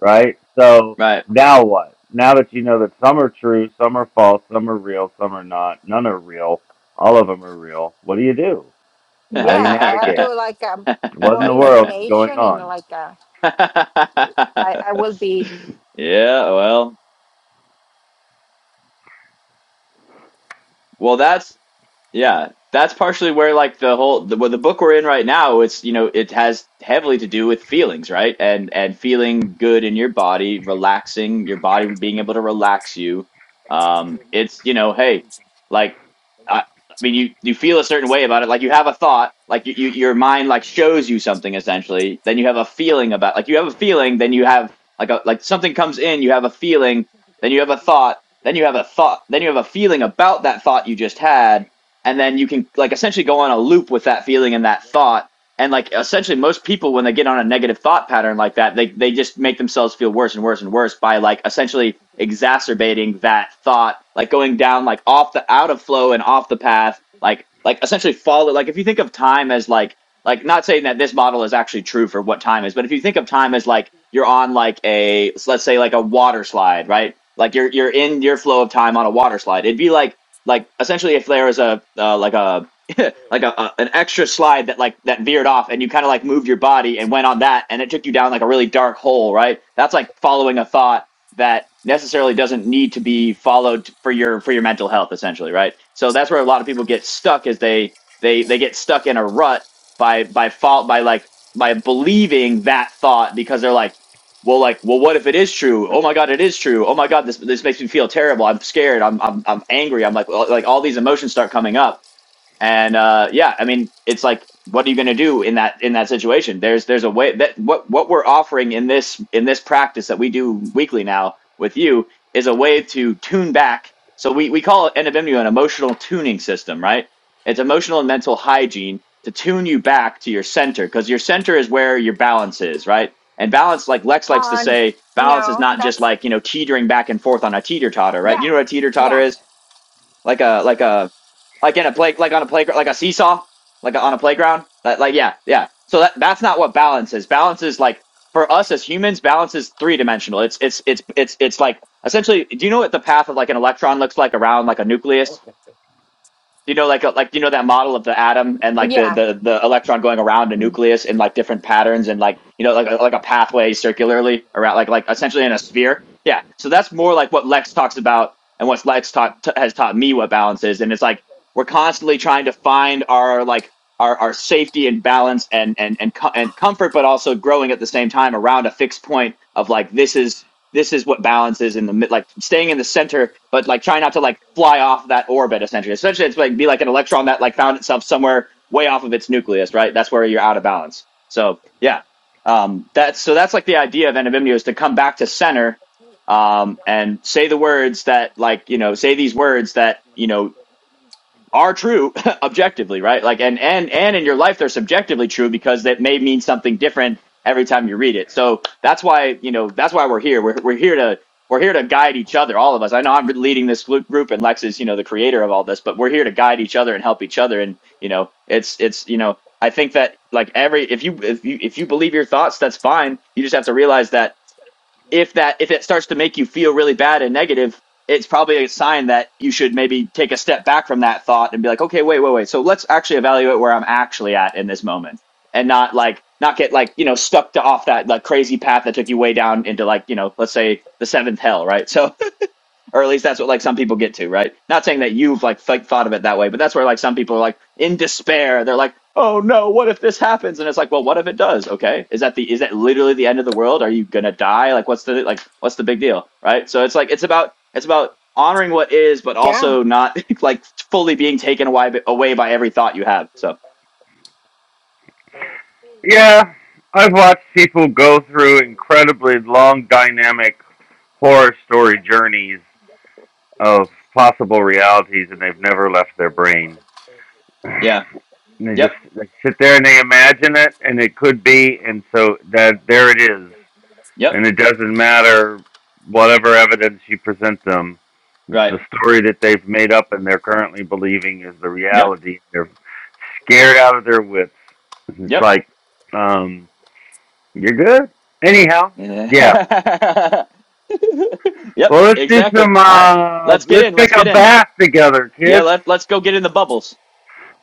Speaker 1: right? So
Speaker 2: right.
Speaker 1: now what? Now that you know that some are true, some are false, some are real, some are not, none are real, all of them are real, what do you do? How do you
Speaker 3: yeah I have to
Speaker 1: navigate?
Speaker 3: like um,
Speaker 1: What in
Speaker 3: more
Speaker 1: the world is going
Speaker 3: information and
Speaker 1: on?
Speaker 3: like uh, I I will be
Speaker 2: Yeah, well, well, that's Yeah, that's partially where like the whole the, well, the book we're in right now, it's you know, it has heavily to do with feelings, right? And and feeling good in your body, relaxing, your body being able to relax you. Um, it's you know, hey, like I, I mean, you you feel a certain way about it, like you have a thought, like you, you your mind like shows you something essentially. Then you have a feeling about, like you have a feeling, then you have like a like something comes in, you have a feeling, then you have a thought, then you have a thought, then you have a feeling about that thought you just had and then you can like essentially go on a loop with that feeling and that thought and like essentially most people when they get on a negative thought pattern like that they they just make themselves feel worse and worse and worse by like essentially exacerbating that thought like going down like off the out of flow and off the path like like essentially follow like if you think of time as like like not saying that this model is actually true for what time is but if you think of time as like you're on like a let's say like a water slide right like you're you're in your flow of time on a water slide it'd be like like essentially if there was a uh, like a like a, a an extra slide that like that veered off and you kind of like moved your body and went on that and it took you down like a really dark hole right that's like following a thought that necessarily doesn't need to be followed for your for your mental health essentially right so that's where a lot of people get stuck is they they they get stuck in a rut by by fault by like by believing that thought because they're like well, like, well, what if it is true? Oh my God, it is true. Oh my God, this this makes me feel terrible. I'm scared. I'm I'm I'm angry. I'm like, well, like all these emotions start coming up. And uh, yeah, I mean, it's like, what are you going to do in that in that situation? There's there's a way that what what we're offering in this in this practice that we do weekly now with you is a way to tune back. So we we call it NFMU an emotional tuning system, right? It's emotional and mental hygiene to tune you back to your center because your center is where your balance is, right? And balance, like Lex likes to
Speaker 3: Uh, n-
Speaker 2: say, balance is
Speaker 3: no,
Speaker 2: not just
Speaker 3: that's
Speaker 2: like you know teetering back and forth on a teeter totter, right? Do You
Speaker 3: yeah,
Speaker 2: know what a teeter totter
Speaker 3: yeah,
Speaker 2: is? Like a like a like in a play like on a playground like a seesaw like on a playground like, like yeah yeah so that that's not what balance is balance is like for us as humans balance is three dimensional it's it's it's it's it's like essentially do you know what the path of like an electron looks like around like a nucleus you know, like uh, like you know that model of the atom and like the
Speaker 3: yeah,
Speaker 2: the the electron going around a
Speaker 3: mm,
Speaker 2: nucleus in like different patterns and like you know like a- like a pathway circularly around like like essentially in a sphere. Yeah, so that's more like what Lex talks about and what Lex taught t- has taught me what balance is, and it's like we're constantly trying to find our like our our safety and balance and and and co- and comfort, but also growing at the same time around a fixed point of like this is this is what balance is in the mid, like staying in the center, but like trying not to like fly off that orbit essentially. Essentially, it's like be like an electron that like found itself somewhere way off of its nucleus, right? That's where you're out of balance. So yeah, um, that's so that's like the idea of anonymity is to come back to center, um, and say the words that like you know say these words that you know are true objectively, right? Like and and and in your life they're subjectively true because that may mean something different every time you read it. So that's why, you know, that's why we're here. We're we're here to we're here to guide each other, all of us. I know I'm leading this glu- group and Lex is, you know, the creator of all this, but we're here to guide each other and help each other and, you know, it's it's, you know, I think that like every if you if you if you believe your thoughts, that's fine. You just have to realize that if that if it starts to make you feel really bad and negative it's probably a sign that you should maybe take a step back from that thought and be like okay wait wait wait so let's actually evaluate where i'm actually at in this moment and not like not get like you know stuck to off that like crazy path that took you way down into like you know let's say the seventh hell right so or at least that's what like some people get to, right? Not saying that you've like th- thought of it that way, but that's where like some people are like in despair. They're like, "Oh no, what if this happens?" And it's like, "Well, what if it does?" Okay, is that the is that literally the end of the world? Are you gonna die? Like, what's the like what's the big deal, right? So it's like it's about it's about honoring what is, but
Speaker 3: yeah.
Speaker 2: also not like fully being taken away away by every thought you have. So
Speaker 1: Yeah, I've watched people go through incredibly long, dynamic horror story journeys of possible realities, and they've never left their brain.
Speaker 2: yeah,
Speaker 1: And they just
Speaker 2: yep,
Speaker 1: they sit there and they imagine it, and it could be, and so that there it is.
Speaker 2: yep,
Speaker 1: and it doesn't matter whatever evidence you present them. It's
Speaker 2: right,
Speaker 1: the story that they've made up and they're currently believing is the
Speaker 2: yep,
Speaker 1: reality. They're scared out of their wits. It's
Speaker 2: yep.
Speaker 1: like, um, you're good. Anyhow, yeah.
Speaker 2: yep,
Speaker 1: Well, let's do
Speaker 2: exactly.
Speaker 1: some.
Speaker 2: All right.
Speaker 1: Uh,
Speaker 2: Let's get
Speaker 1: let's
Speaker 2: in.
Speaker 1: take
Speaker 2: Let's
Speaker 1: a
Speaker 2: get in.
Speaker 1: bath together,
Speaker 2: Yeah,
Speaker 1: kids.
Speaker 2: let us let's go get in the bubbles.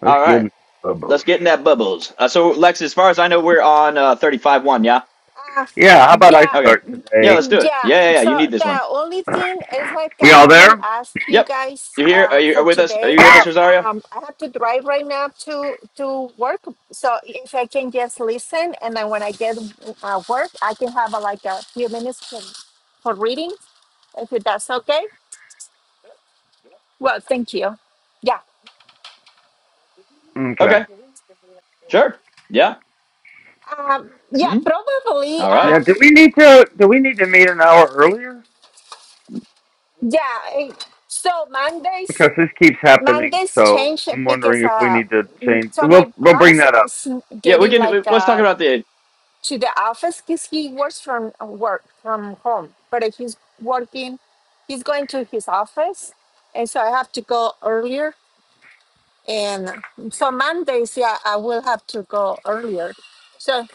Speaker 1: Let's
Speaker 2: All
Speaker 1: get
Speaker 2: right,
Speaker 1: in some bubbles.
Speaker 2: let's get in that bubbles. Uh, so Lex, as far as I know, we're on uh, thirty-five one. Yeah.
Speaker 3: Uh,
Speaker 1: Yeah. How about I
Speaker 3: yeah,
Speaker 2: Okay.
Speaker 1: start
Speaker 2: Yeah,
Speaker 1: today?
Speaker 2: let's do it.
Speaker 3: yeah.
Speaker 2: Yeah, yeah, yeah. You
Speaker 3: So
Speaker 2: need this one.
Speaker 3: the only thing is like uh,
Speaker 1: We all
Speaker 3: I will
Speaker 1: there?
Speaker 3: ask you
Speaker 2: Yep.
Speaker 3: guys
Speaker 2: You here? Are
Speaker 3: uh,
Speaker 2: you
Speaker 3: for
Speaker 2: are with us? Are
Speaker 3: today.
Speaker 2: you with us, Rosario?
Speaker 3: Um, I have to drive right now to to work. So if I can just listen, and then when I get uh, work, I can have uh, like a few minutes for, for reading, if that's okay. Well, thank you. Yeah.
Speaker 1: okay.
Speaker 2: Okay. Sure. Yeah.
Speaker 3: Um, yeah,
Speaker 2: Mm-hmm.
Speaker 3: probably.
Speaker 2: All right.
Speaker 1: Yeah.
Speaker 3: Um,
Speaker 1: Do we need to? Do we need to meet an hour earlier?
Speaker 3: Yeah. eh, So Mondays,
Speaker 1: because this keeps happening.
Speaker 3: Mondays
Speaker 1: So
Speaker 3: change
Speaker 1: I'm wondering
Speaker 3: because
Speaker 1: if we
Speaker 3: uh,
Speaker 1: need to
Speaker 3: mm,
Speaker 1: change.
Speaker 3: so
Speaker 1: We'll
Speaker 3: my
Speaker 1: we'll bring
Speaker 3: boss
Speaker 1: that up.
Speaker 3: is
Speaker 2: Yeah, we
Speaker 3: getting
Speaker 2: can. we-
Speaker 3: like
Speaker 2: Let's talk
Speaker 3: uh
Speaker 2: about the.
Speaker 3: to the office because he works from uh, work from home, but if he's working, he's going to his office, and so I have to go earlier. And so Mondays, yeah, I will have to go earlier. So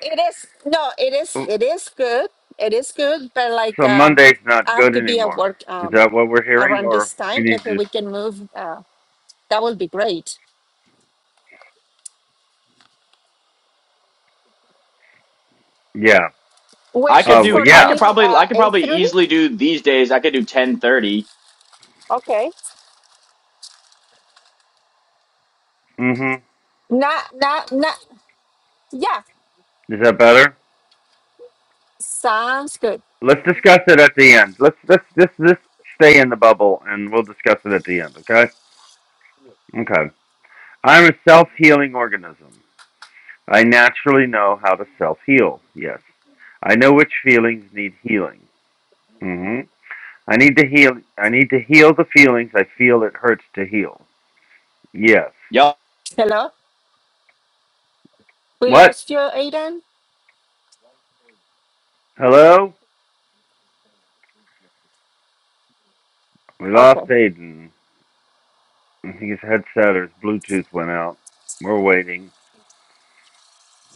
Speaker 3: it is no, it is it is good, it is good, but like
Speaker 1: So
Speaker 3: um,
Speaker 1: Monday's not
Speaker 3: I have
Speaker 1: good
Speaker 3: to be at
Speaker 1: anymore.
Speaker 3: work
Speaker 1: Is
Speaker 3: um.
Speaker 1: that what we're hearing,
Speaker 3: around
Speaker 1: or
Speaker 3: this
Speaker 1: we
Speaker 3: time.
Speaker 1: need
Speaker 3: If
Speaker 1: to?
Speaker 3: we can move, uh, that would be great.
Speaker 1: Yeah.
Speaker 2: I could
Speaker 1: Uh.
Speaker 3: Wishes
Speaker 2: do.
Speaker 1: Well.
Speaker 3: for
Speaker 2: I
Speaker 1: Yeah.
Speaker 2: could
Speaker 3: me,
Speaker 2: probably.
Speaker 3: uh,
Speaker 2: I could
Speaker 3: eight
Speaker 2: probably
Speaker 3: thirty.
Speaker 2: easily do these days. I could do ten thirty.
Speaker 3: Okay.
Speaker 1: Mm-hmm.
Speaker 3: Not, not, not. Yeah,
Speaker 1: Is that better?
Speaker 3: sounds good.
Speaker 1: Let's discuss it at the end. Let's let's this this stay in the bubble, and we'll discuss it at the end. Okay. Okay. I'm a self healing organism. I naturally know how to self heal. Yes. I know which feelings need healing. Mm-hmm. I need to heal. I need to heal the feelings I feel it hurts to heal. Yes.
Speaker 2: Yup.
Speaker 3: Hello, we
Speaker 1: What?
Speaker 3: lost you, Aiden.
Speaker 1: Hello? We lost
Speaker 3: Okay.
Speaker 1: Aiden. I think his headset or his Bluetooth went out. We're waiting.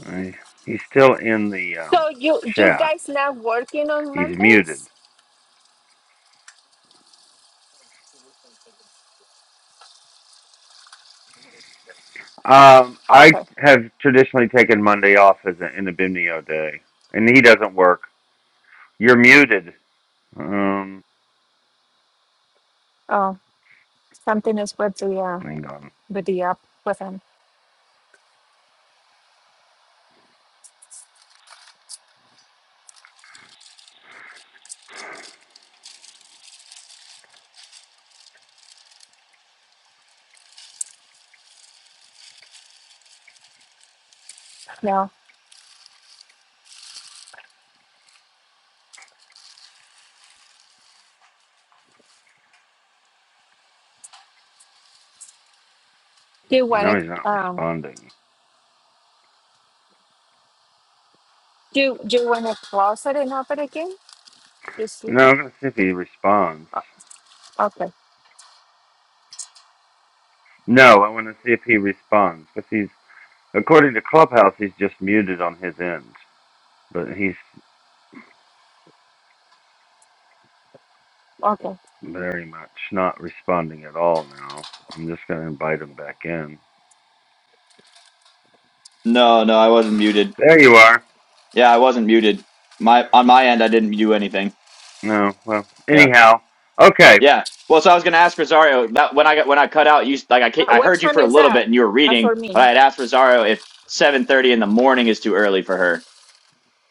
Speaker 1: I, he's still in the um,
Speaker 3: So you, you
Speaker 1: chat.
Speaker 3: guys not working on
Speaker 1: He's muted.
Speaker 3: Mondays?
Speaker 1: Um, I
Speaker 3: Okay.
Speaker 1: have traditionally taken Monday off as an Inabimnio day, and he doesn't work. You're muted. Um,
Speaker 3: Oh, something is with the uh,
Speaker 1: hang on.
Speaker 3: with the app with him. No. Do you want
Speaker 1: Now he's not
Speaker 3: to um?
Speaker 1: responding.
Speaker 3: Do you, Do you want to close it and open again? Let's see.
Speaker 1: No, I'm gonna see if he responds.
Speaker 3: O- Okay.
Speaker 1: No, I want to see if he responds because he's, according to Clubhouse, he's just muted on his end, but he's
Speaker 3: Okay.
Speaker 1: very much not responding at all now. I'm just going to invite him back in.
Speaker 2: No, no, I wasn't muted.
Speaker 1: There you are.
Speaker 2: Yeah, I wasn't muted. My on my end, I didn't do anything.
Speaker 1: No, well,
Speaker 2: Yeah.
Speaker 1: anyhow, okay.
Speaker 2: Yeah. Well, so I was going to ask Rosario that when I got when I cut out, you s- like I ca-
Speaker 3: Uh,
Speaker 2: I
Speaker 3: what
Speaker 2: heard you
Speaker 3: time
Speaker 2: for a
Speaker 3: is
Speaker 2: little
Speaker 3: that
Speaker 2: bit and you were
Speaker 3: uh,
Speaker 2: reading,
Speaker 3: for me?
Speaker 2: but I had asked Rosario if 7:30 in the morning is too early for her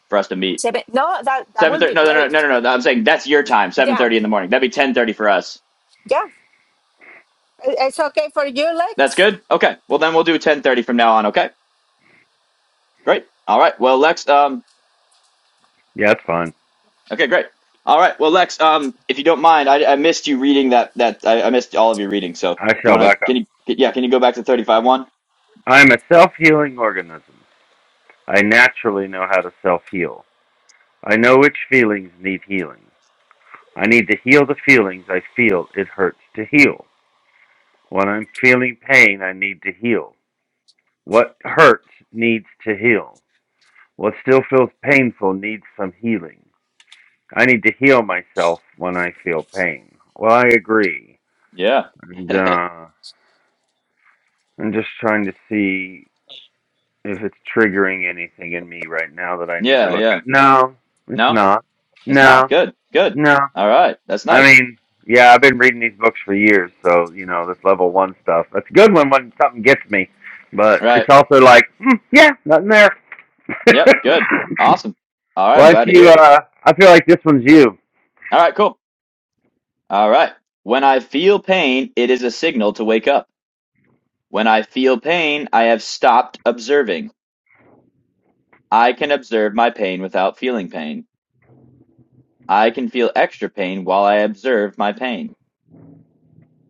Speaker 2: for us to meet.
Speaker 3: Seven. No, that that will
Speaker 2: 7:30
Speaker 3: be
Speaker 2: No, no, no,
Speaker 3: great.
Speaker 2: no, no, no. no, I'm saying that's your time,
Speaker 3: Yeah,
Speaker 2: 7:30 in the morning. That'd be 10:30 for us.
Speaker 3: yeah. I- It's okay for you,
Speaker 2: That's
Speaker 3: Lex.
Speaker 2: good? Okay. Well, then we'll do 10:30 from now on, okay? Great. All right. Well, Lex um
Speaker 1: Yeah, it's fine.
Speaker 2: okay, great. All right. Well, Lex um if you don't mind, I I missed you reading that that I, I missed all of your reading. So, do
Speaker 1: I
Speaker 2: you
Speaker 1: shall
Speaker 2: want to
Speaker 1: back up.
Speaker 2: can you yeah, can you go back to 35 one?
Speaker 1: I'm a self healing organism. I naturally know how to self heal. I know which feelings need healing. I need to heal the feelings I feel it hurts to heal. When I'm feeling pain, I need to heal. What hurts needs to heal. What still feels painful needs some healing. I need to heal myself when I feel pain. Well, I agree.
Speaker 2: Yeah.
Speaker 1: And uh, I'm just trying to see if it's triggering anything in me right now that I need to
Speaker 2: Yeah,
Speaker 1: look
Speaker 2: yeah.
Speaker 1: at. No, it's
Speaker 2: No?
Speaker 1: not.
Speaker 2: It's not
Speaker 1: No,
Speaker 2: good. Good.
Speaker 1: no.
Speaker 2: All right. That's
Speaker 1: I
Speaker 2: nice.
Speaker 1: mean, yeah, I've been reading these books for years, so, you know, this level one stuff. That's good when, when something gets me. But
Speaker 2: All
Speaker 1: it's
Speaker 2: right.
Speaker 1: also like, mm, yeah, nothing there.
Speaker 2: Yep. Good. Awesome. All right. I'm
Speaker 1: Why don't
Speaker 2: glad to hear
Speaker 1: you?
Speaker 2: it.
Speaker 1: Uh, I feel like this one's you.
Speaker 2: All right. Cool. All right. When I feel pain, it is a signal to wake up. When I feel pain, I have stopped observing. I can observe my pain without feeling pain. I can feel extra pain while I observe my pain.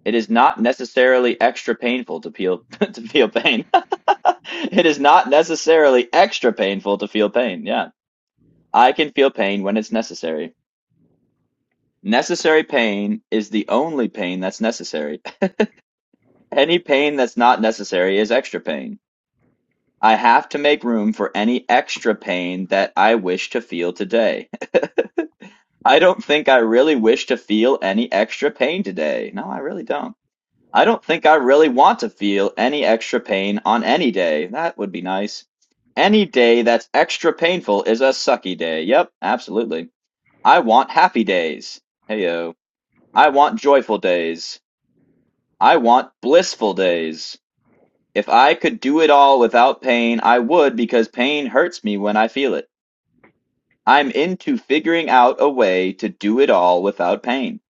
Speaker 2: It is not necessarily extra painful to feel to feel pain. it is not necessarily extra painful to feel pain. Yeah. I can feel pain when it's necessary. Necessary pain is the only pain that's necessary. Any pain that's not necessary is extra pain. I have to make room for any extra pain that I wish to feel today. I don't think I really wish to feel any extra pain today. No, I really don't. I don't think I really want to feel any extra pain on any day. That would be nice. Any day that's extra painful is a sucky day. Yep, absolutely. I want happy days. Heyo. I want joyful days. I want blissful days. If I could do it all without pain, I would because pain hurts me when I feel it. I'm into figuring out a way to do it all without pain.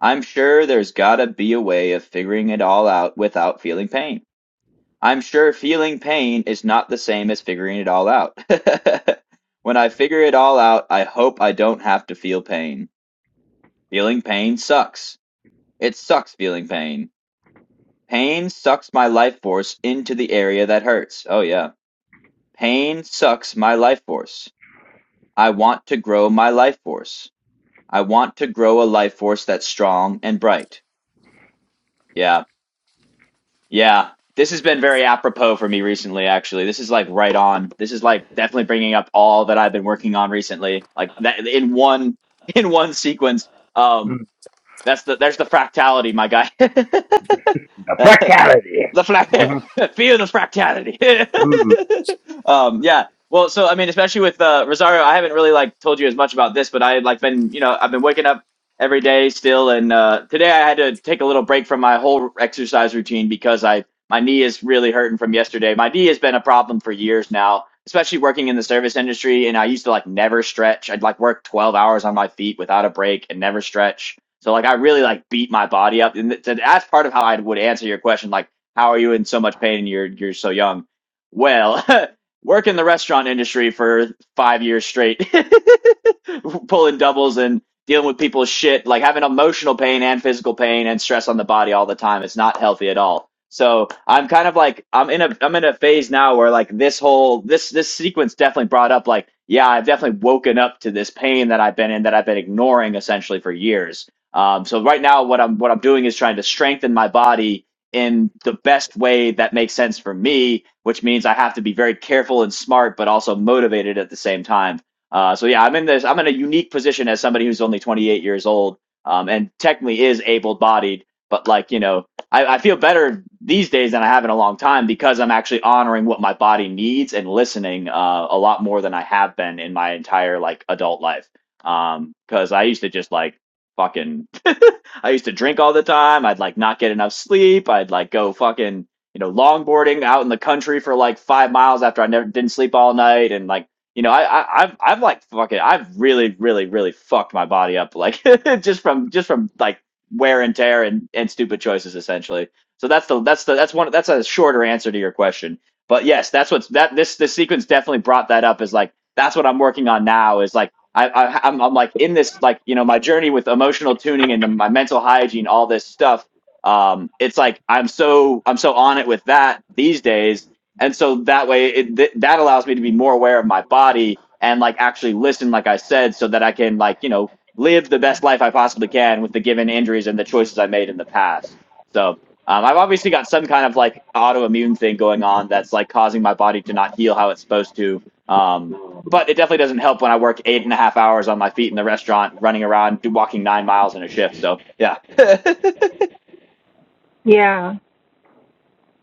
Speaker 2: I'm sure there's gotta be a way of figuring it all out without feeling pain. I'm sure feeling pain is not the same as figuring it all out. when I figure it all out, I hope I don't have to feel pain. Feeling pain sucks. It sucks feeling pain. Pain sucks my life force into the area that hurts. Oh yeah. Pain sucks my life force. I want to grow my life force. I want to grow a life force that's strong and bright. Yeah. Yeah. This has been very apropos for me recently, actually. This is like right on. This is like definitely bringing up all that I've been working on recently, like that in one in one sequence. Um,
Speaker 1: Mm.
Speaker 2: that's the there's the fractality, my
Speaker 1: A
Speaker 2: guy.
Speaker 1: Fatality.
Speaker 2: the flat feel the fractality
Speaker 1: Mm.
Speaker 2: um yeah well so i mean especially with uh rosario i haven't really like told you as much about this but i had like been you know i've been waking up every day still and uh today i had to take a little break from my whole exercise routine because i my knee is really hurting from yesterday my knee has been a problem for years now especially working in the service industry and i used to like never stretch i'd like work 12 hours on my feet without a break and never stretch so like i really like beat my body up and th- that's part of how i would answer your question like how are you in so much pain? You're you're so young. Well, work in the restaurant industry for five years straight. pulling doubles and dealing with people's shit, like having emotional pain and physical pain and stress on the body all the time. It's not healthy at all. So I'm kind of like I'm in a I'm in a phase now where like this whole this this sequence definitely brought up like yeah I've definitely woken up to this pain that I've been in that I've been ignoring essentially for years. Um, so right now what I'm what I'm doing is trying to strengthen my body in the best way that makes sense for me, which means I have to be very careful and smart, but also motivated at the same time. Uh, so yeah, I'm in this. I'm in a unique position as somebody who's only 28 years old, um, and technically is able-bodied. But like you know, I, I feel better these days than I have in a long time because I'm actually honoring what my body needs and listening uh, a lot more than I have been in my entire like adult life. Um, Because I used to just like fucking I used to drink all the time. I'd like not get enough sleep. I'd like go fucking, you know, longboarding out in the country for like five miles after I never didn't sleep all night. And like, you know, I, I I've I've like fucking I've really, really, really fucked my body up like just from just from like wear and tear and, and stupid choices essentially. So that's the that's the that's one that's a shorter answer to your question. But yes, that's what's that this this sequence definitely brought that up is like that's what I'm working on now is like I, I I'm, I'm like in this like you know my journey with emotional tuning and the, my mental hygiene, all this stuff. Um, it's like I'm so I'm so on it with that these days, and so that way it th- that allows me to be more aware of my body and like actually listen, like I said, so that I can like you know live the best life I possibly can with the given injuries and the choices I made in the past. So. Um, I've obviously got some kind of like autoimmune thing going on that's like causing my body to not heal how it's supposed to. Um, but it definitely doesn't help when I work eight and a half hours on my feet in the restaurant, running around, walking nine miles in a shift. So yeah.
Speaker 3: Yeah.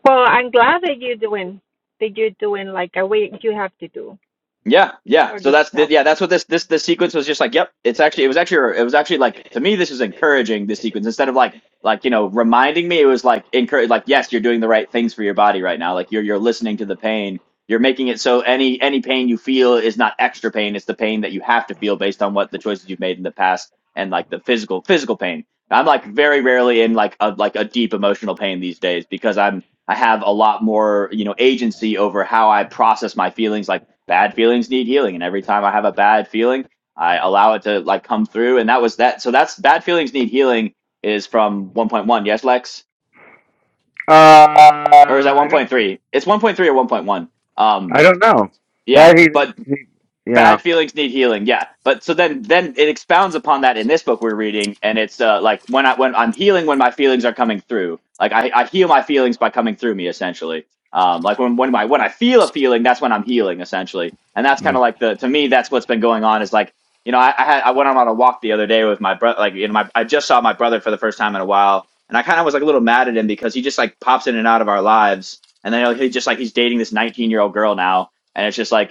Speaker 3: Well, I'm glad that you're doing that you're doing like a way you have to do
Speaker 2: Yeah, yeah.
Speaker 3: for
Speaker 2: So that's the,
Speaker 3: yourself.
Speaker 2: yeah, that's what this this this sequence was just like. Yep, it's actually it was actually it was actually like to me this is encouraging this sequence instead of like like you know reminding me it was like encourage like yes you're doing the right things for your body right now like you're you're listening to the pain you're making it so any any pain you feel is not extra pain it's the pain that you have to feel based on what the choices you've made in the past and like the physical physical pain. I'm like very rarely in like a like a deep emotional pain these days because I'm I have a lot more, you know, agency over how I process my feelings. Like bad feelings need healing, and every time I have a bad feeling, I allow it to like come through. And that was that. So that's bad feelings need healing is from 1.1. Yes, Lex,
Speaker 1: Uh,
Speaker 2: or is that
Speaker 1: I don't.
Speaker 2: 1.3? It's 1.3 or 1.1. Um,
Speaker 1: I don't know.
Speaker 2: yeah,
Speaker 1: That he,
Speaker 2: but
Speaker 1: he yeah.
Speaker 2: bad feelings need healing yeah but so then then it expounds upon that in this book we're reading and it's uh like when i when i'm healing when my feelings are coming through like i, I heal my feelings by coming through me essentially um like when when my when i feel a feeling that's when i'm healing essentially and that's kind
Speaker 1: Mm,
Speaker 2: of like the to me that's what's been going on is like you know i i, had, I went on a walk the other day with my brother like you know my i just saw my brother for the first time in a while and i kind of was like a little mad at him because he just like pops in and out of our lives and then like, he just like he's dating this 19 year old girl now and it's just like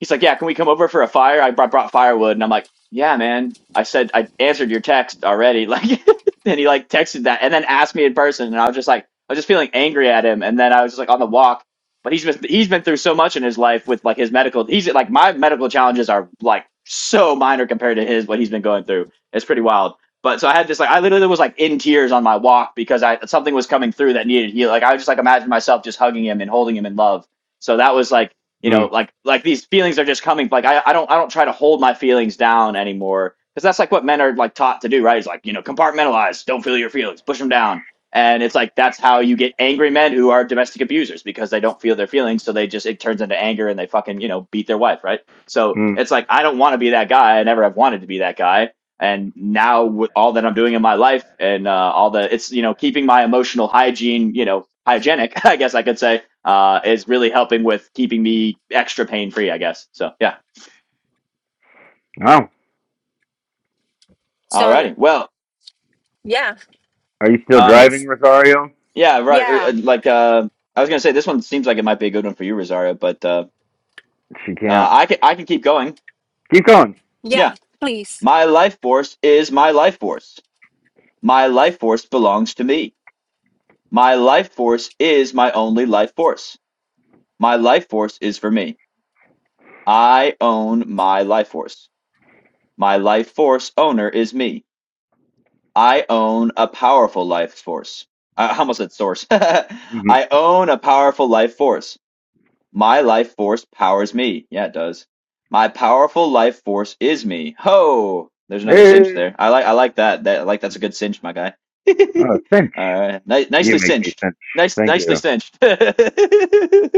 Speaker 2: he's like, yeah, can we come over for a fire? I brought, brought firewood, and I'm like, yeah, man. I said I answered your text already. Like, and he like texted that, and then asked me in person, and I was just like, I was just feeling angry at him, and then I was just like on the walk. But he's been he's been through so much in his life with like his medical. He's like my medical challenges are like so minor compared to his what he's been going through. It's pretty wild. But so I had this like I literally was like in tears on my walk because I something was coming through that needed heal. Like I just like imagined myself just hugging him and holding him in love. So that was like you know
Speaker 1: mm,
Speaker 2: like like these feelings are just coming like i, I don't i don't try to hold my feelings down anymore because that's like what men are like taught to do right it's like you know compartmentalize don't feel your feelings push them down and it's like that's how you get angry men who are domestic abusers because they don't feel their feelings so they just it turns into anger and they fucking you know beat their wife right so
Speaker 1: mm.
Speaker 2: it's like i don't want to be that guy i never have wanted to be that guy and now with all that i'm doing in my life and uh, all the it's you know keeping my emotional hygiene you know hygienic i guess i could say uh, is really helping with keeping me extra pain free, I guess. So yeah.
Speaker 1: Oh,
Speaker 3: So
Speaker 2: Alrighty. Well,
Speaker 3: yeah,
Speaker 1: are you still
Speaker 2: um,
Speaker 3: this.
Speaker 1: driving, Rosario?
Speaker 2: yeah, right. uh,
Speaker 3: Yeah,
Speaker 2: uh, Like uh, I was gonna say, this one seems like it might be a good one for you, Rosario. But uh,
Speaker 1: She
Speaker 2: uh,
Speaker 1: can't.
Speaker 2: I can I can keep going.
Speaker 1: Keep going.
Speaker 3: yeah.
Speaker 2: Yeah,
Speaker 3: Please.
Speaker 2: my life force is my life force. My life force belongs to me. My life force is my only life force. My life force is for me. I own my life force. My life force owner is me. I own a powerful life force. I almost said source.
Speaker 1: Mm-hmm.
Speaker 2: I own a powerful life force. My life force powers me. Yeah, it does. My powerful life force is me. Ho! There's another
Speaker 1: This,
Speaker 2: cinch there. I like I like that. That I like that's a good cinch, my guy.
Speaker 1: oh, cinch.
Speaker 2: All right. Ni-
Speaker 1: You
Speaker 2: nicely
Speaker 1: make me
Speaker 2: cinched.
Speaker 1: cinch.
Speaker 2: Nice
Speaker 1: Thank
Speaker 2: nicely
Speaker 1: you.
Speaker 2: cinched.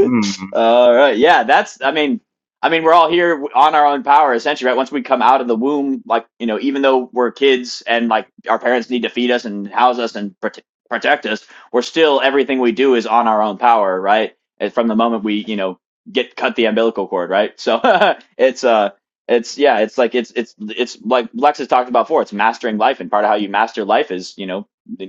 Speaker 1: Mm,
Speaker 2: All right. Yeah, that's I mean I mean we're all here on our own power essentially, right? Once we come out of the womb, like, you know, even though we're kids and like our parents need to feed us and house us and prote- protect us, we're still everything we do is on our own power, right? And from the moment we, you know, get cut the umbilical cord, right? So it's uh it's yeah, it's like it's it's it's like Lex has talked about before, it's mastering life and part of how you master life is, you know,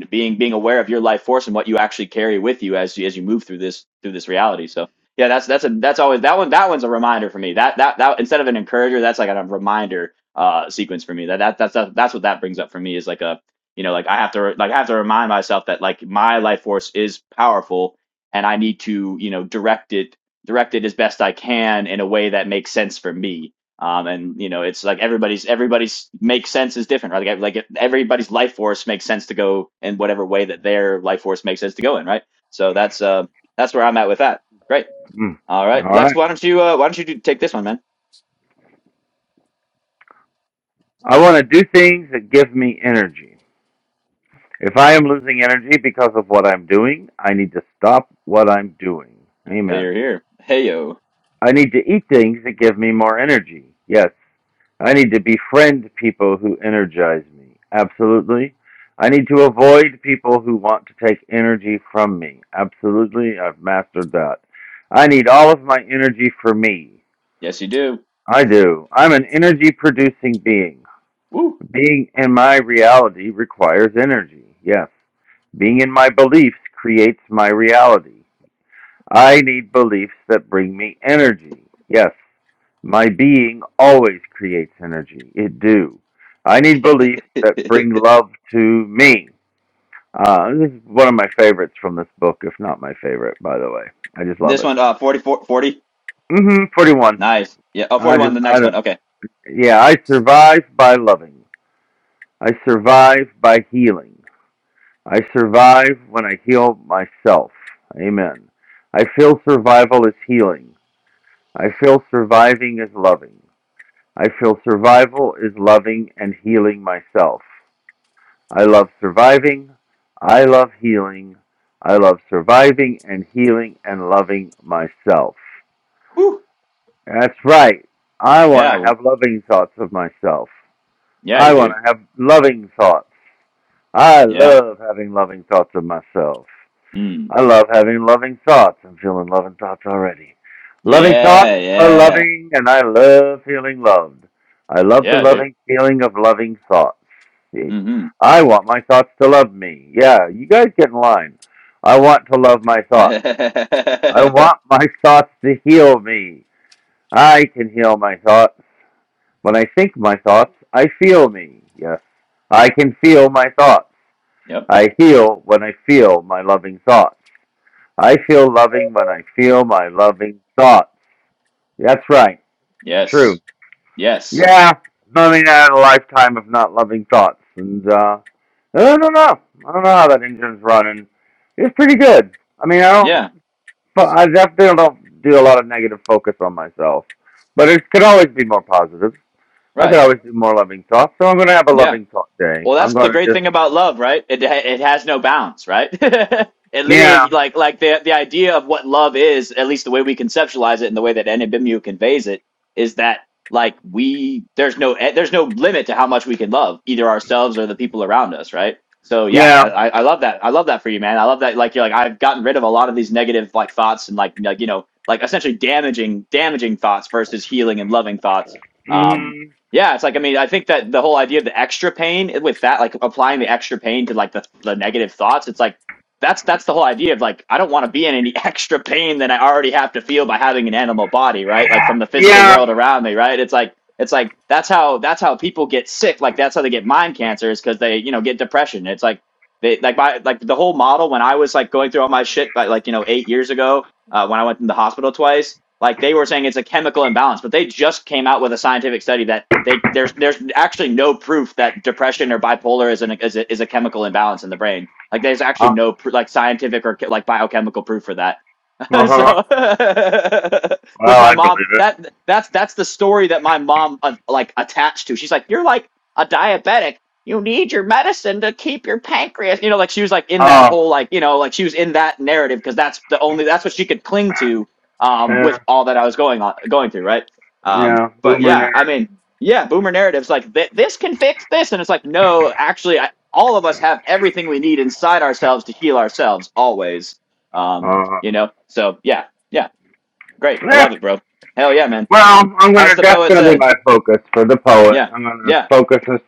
Speaker 2: being being aware of your life force and what you actually carry with you as you as you move through this through this reality. So yeah, that's that's a that's always that one that one's a reminder for me. That that that instead of an encourager, that's like a reminder uh sequence for me. That that that's that's what that brings up for me is like a you know like i have to like i have to remind myself that like my life force is powerful and I need to, you know, direct it, direct it as best I can in a way that makes sense for me. Um, and you know, it's like everybody's everybody's makes sense is different, right? Like, like everybody's life force makes sense to go in whatever way that their life force makes sense to go in, right? So that's uh, that's where I'm at with that. Great.
Speaker 1: mm.
Speaker 2: All right,
Speaker 1: All
Speaker 2: Lex,
Speaker 1: right.
Speaker 2: why don't you uh, why don't you do, take this one, man?
Speaker 1: I want to do things that give me energy. If I am losing energy because of what I'm doing, I need to stop what I'm doing.
Speaker 2: Hey, you're
Speaker 1: Amen.
Speaker 2: here. Hey yo,
Speaker 1: I need to eat things that give me more energy. Yes. I need to befriend people who energize me. Absolutely. I need to avoid people who want to take energy from me. Absolutely. I've mastered that. I need all of my energy for me.
Speaker 2: yes you do.
Speaker 1: I do. I'm an energy producing being.
Speaker 2: Woo.
Speaker 1: Being in my reality requires energy. Yes. Being in my beliefs creates my reality. I need beliefs that bring me energy. Yes, my being always creates energy. It do. I need beliefs that bring love to me. Uh, this is one of my favorites from this book, if not my favorite, by the way. I just love
Speaker 2: this
Speaker 1: it.
Speaker 2: one, uh, 44, forty.
Speaker 1: Mm-hmm. Forty-one.
Speaker 2: Nice. Yeah. Oh,
Speaker 1: I
Speaker 2: 41.
Speaker 1: just,
Speaker 2: The
Speaker 1: I
Speaker 2: next one.
Speaker 1: don't.
Speaker 2: Okay.
Speaker 1: Yeah, I survive by loving. I survive by healing. I survive when I heal myself. Amen. I feel survival is healing. I feel surviving is loving. I feel survival is loving and healing myself. I love surviving. I love healing. I love surviving and healing and loving myself.
Speaker 2: Woo.
Speaker 1: That's right. I want
Speaker 2: Yeah.
Speaker 1: to
Speaker 2: w-
Speaker 1: have loving thoughts of myself.
Speaker 2: Yeah,
Speaker 1: I
Speaker 2: you do.
Speaker 1: want to have loving thoughts. I
Speaker 2: Yeah.
Speaker 1: love having loving thoughts of myself.
Speaker 2: Mm.
Speaker 1: I love having loving thoughts. I'm feeling loving thoughts already. Loving thoughts
Speaker 2: Yeah,
Speaker 1: are
Speaker 2: yeah.
Speaker 1: loving, and I love feeling loved. I love the
Speaker 2: Yeah, dude.
Speaker 1: loving feeling of loving thoughts.
Speaker 2: Mm-hmm.
Speaker 1: I want my thoughts to love me. Yeah, you guys get in line. I want to love my thoughts. I want my thoughts to heal me. I can heal my thoughts. When I think my thoughts, I feel me. Yes, I can feel my thoughts.
Speaker 2: Yep.
Speaker 1: I heal when I feel my loving thoughts. I feel loving when I feel my loving thoughts. That's right.
Speaker 2: Yes.
Speaker 1: True.
Speaker 2: Yes.
Speaker 1: Yeah. I mean, I had a lifetime of not loving thoughts, and uh, I don't know. I don't know how that engine's running. It's pretty good. I mean, I don't.
Speaker 2: Yeah.
Speaker 1: but I definitely don't do a lot of negative focus on myself, but it could always be more positive. I could
Speaker 2: Right.
Speaker 1: always do more loving thoughts, so I'm gonna have a
Speaker 2: Yeah.
Speaker 1: loving thought day.
Speaker 2: Well,
Speaker 1: I'm
Speaker 2: that's the
Speaker 1: gonna
Speaker 2: great
Speaker 1: just
Speaker 2: thing about love, right? It it has no bounds, right? it
Speaker 1: yeah,
Speaker 2: literally like like the the idea of what love is, at least the way we conceptualize it and the way that Anibimu conveys it, is that like we there's no e- there's no limit to how much we can love either ourselves or the people around us, right? So yeah,
Speaker 1: yeah,
Speaker 2: I, I I love that. I love that for you, man. I love that. Like you're like I've gotten rid of a lot of these negative like thoughts and like like you know like essentially damaging damaging thoughts versus healing and loving thoughts. Um.
Speaker 1: mhm,
Speaker 2: Yeah, it's like I mean, I think that the whole idea of the extra pain with that, like applying the extra pain to like the the negative thoughts, it's like that's that's the whole idea of like I don't want to be in any extra pain than I already have to feel by having an animal body, right? Like from the physical
Speaker 1: yeah.
Speaker 2: world around me, right? It's like it's like that's how that's how people get sick, like that's how they get mind cancer is because they you know get depression. It's like they like my like the whole model when I was like going through all my shit, by like you know eight years ago uh, when I went in the hospital twice like they were saying it's a chemical imbalance, but they just came out with a scientific study that they there's there's actually no proof that depression or bipolar is an is a, is a chemical imbalance in the brain. Like there's actually
Speaker 1: Uh
Speaker 2: no pr- like scientific or like biochemical proof for that
Speaker 1: huh.
Speaker 2: so which
Speaker 1: Well,
Speaker 2: my
Speaker 1: I
Speaker 2: mom
Speaker 1: believe it.
Speaker 2: that that's that's the story that my mom uh, like attached to she's like you're like a diabetic you need your medicine to keep your pancreas you know like she was like in that
Speaker 1: Oh,
Speaker 2: whole like you know like she was in that narrative because that's the only that's what she could cling to um
Speaker 1: yeah.
Speaker 2: with all that i was going on going through right um
Speaker 1: Yeah,
Speaker 2: but
Speaker 1: boomer
Speaker 2: yeah i
Speaker 1: narrative.
Speaker 2: mean yeah boomer narratives like th- this can fix this and it's like no actually I, all of us have everything we need inside ourselves to heal ourselves always um
Speaker 1: Uh,
Speaker 2: you know? So yeah, yeah, great. I
Speaker 1: yeah,
Speaker 2: love it, bro. Hell yeah, man.
Speaker 1: well, I'm
Speaker 2: As
Speaker 1: gonna.
Speaker 2: the
Speaker 1: That's
Speaker 2: poet
Speaker 1: gonna be
Speaker 2: said,
Speaker 1: my focus for the poet.
Speaker 2: yeah,
Speaker 1: I'm gonna
Speaker 2: yeah,
Speaker 1: focus this,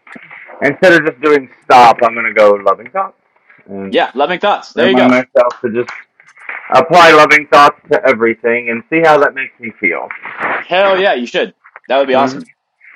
Speaker 1: instead of just doing stop. I'm gonna go loving thoughts and
Speaker 2: yeah, loving thoughts. There you go.
Speaker 1: remind myself to just apply loving thoughts to everything and see how that makes me feel.
Speaker 2: Hell yeah, you should. That would be
Speaker 1: hmm
Speaker 2: awesome.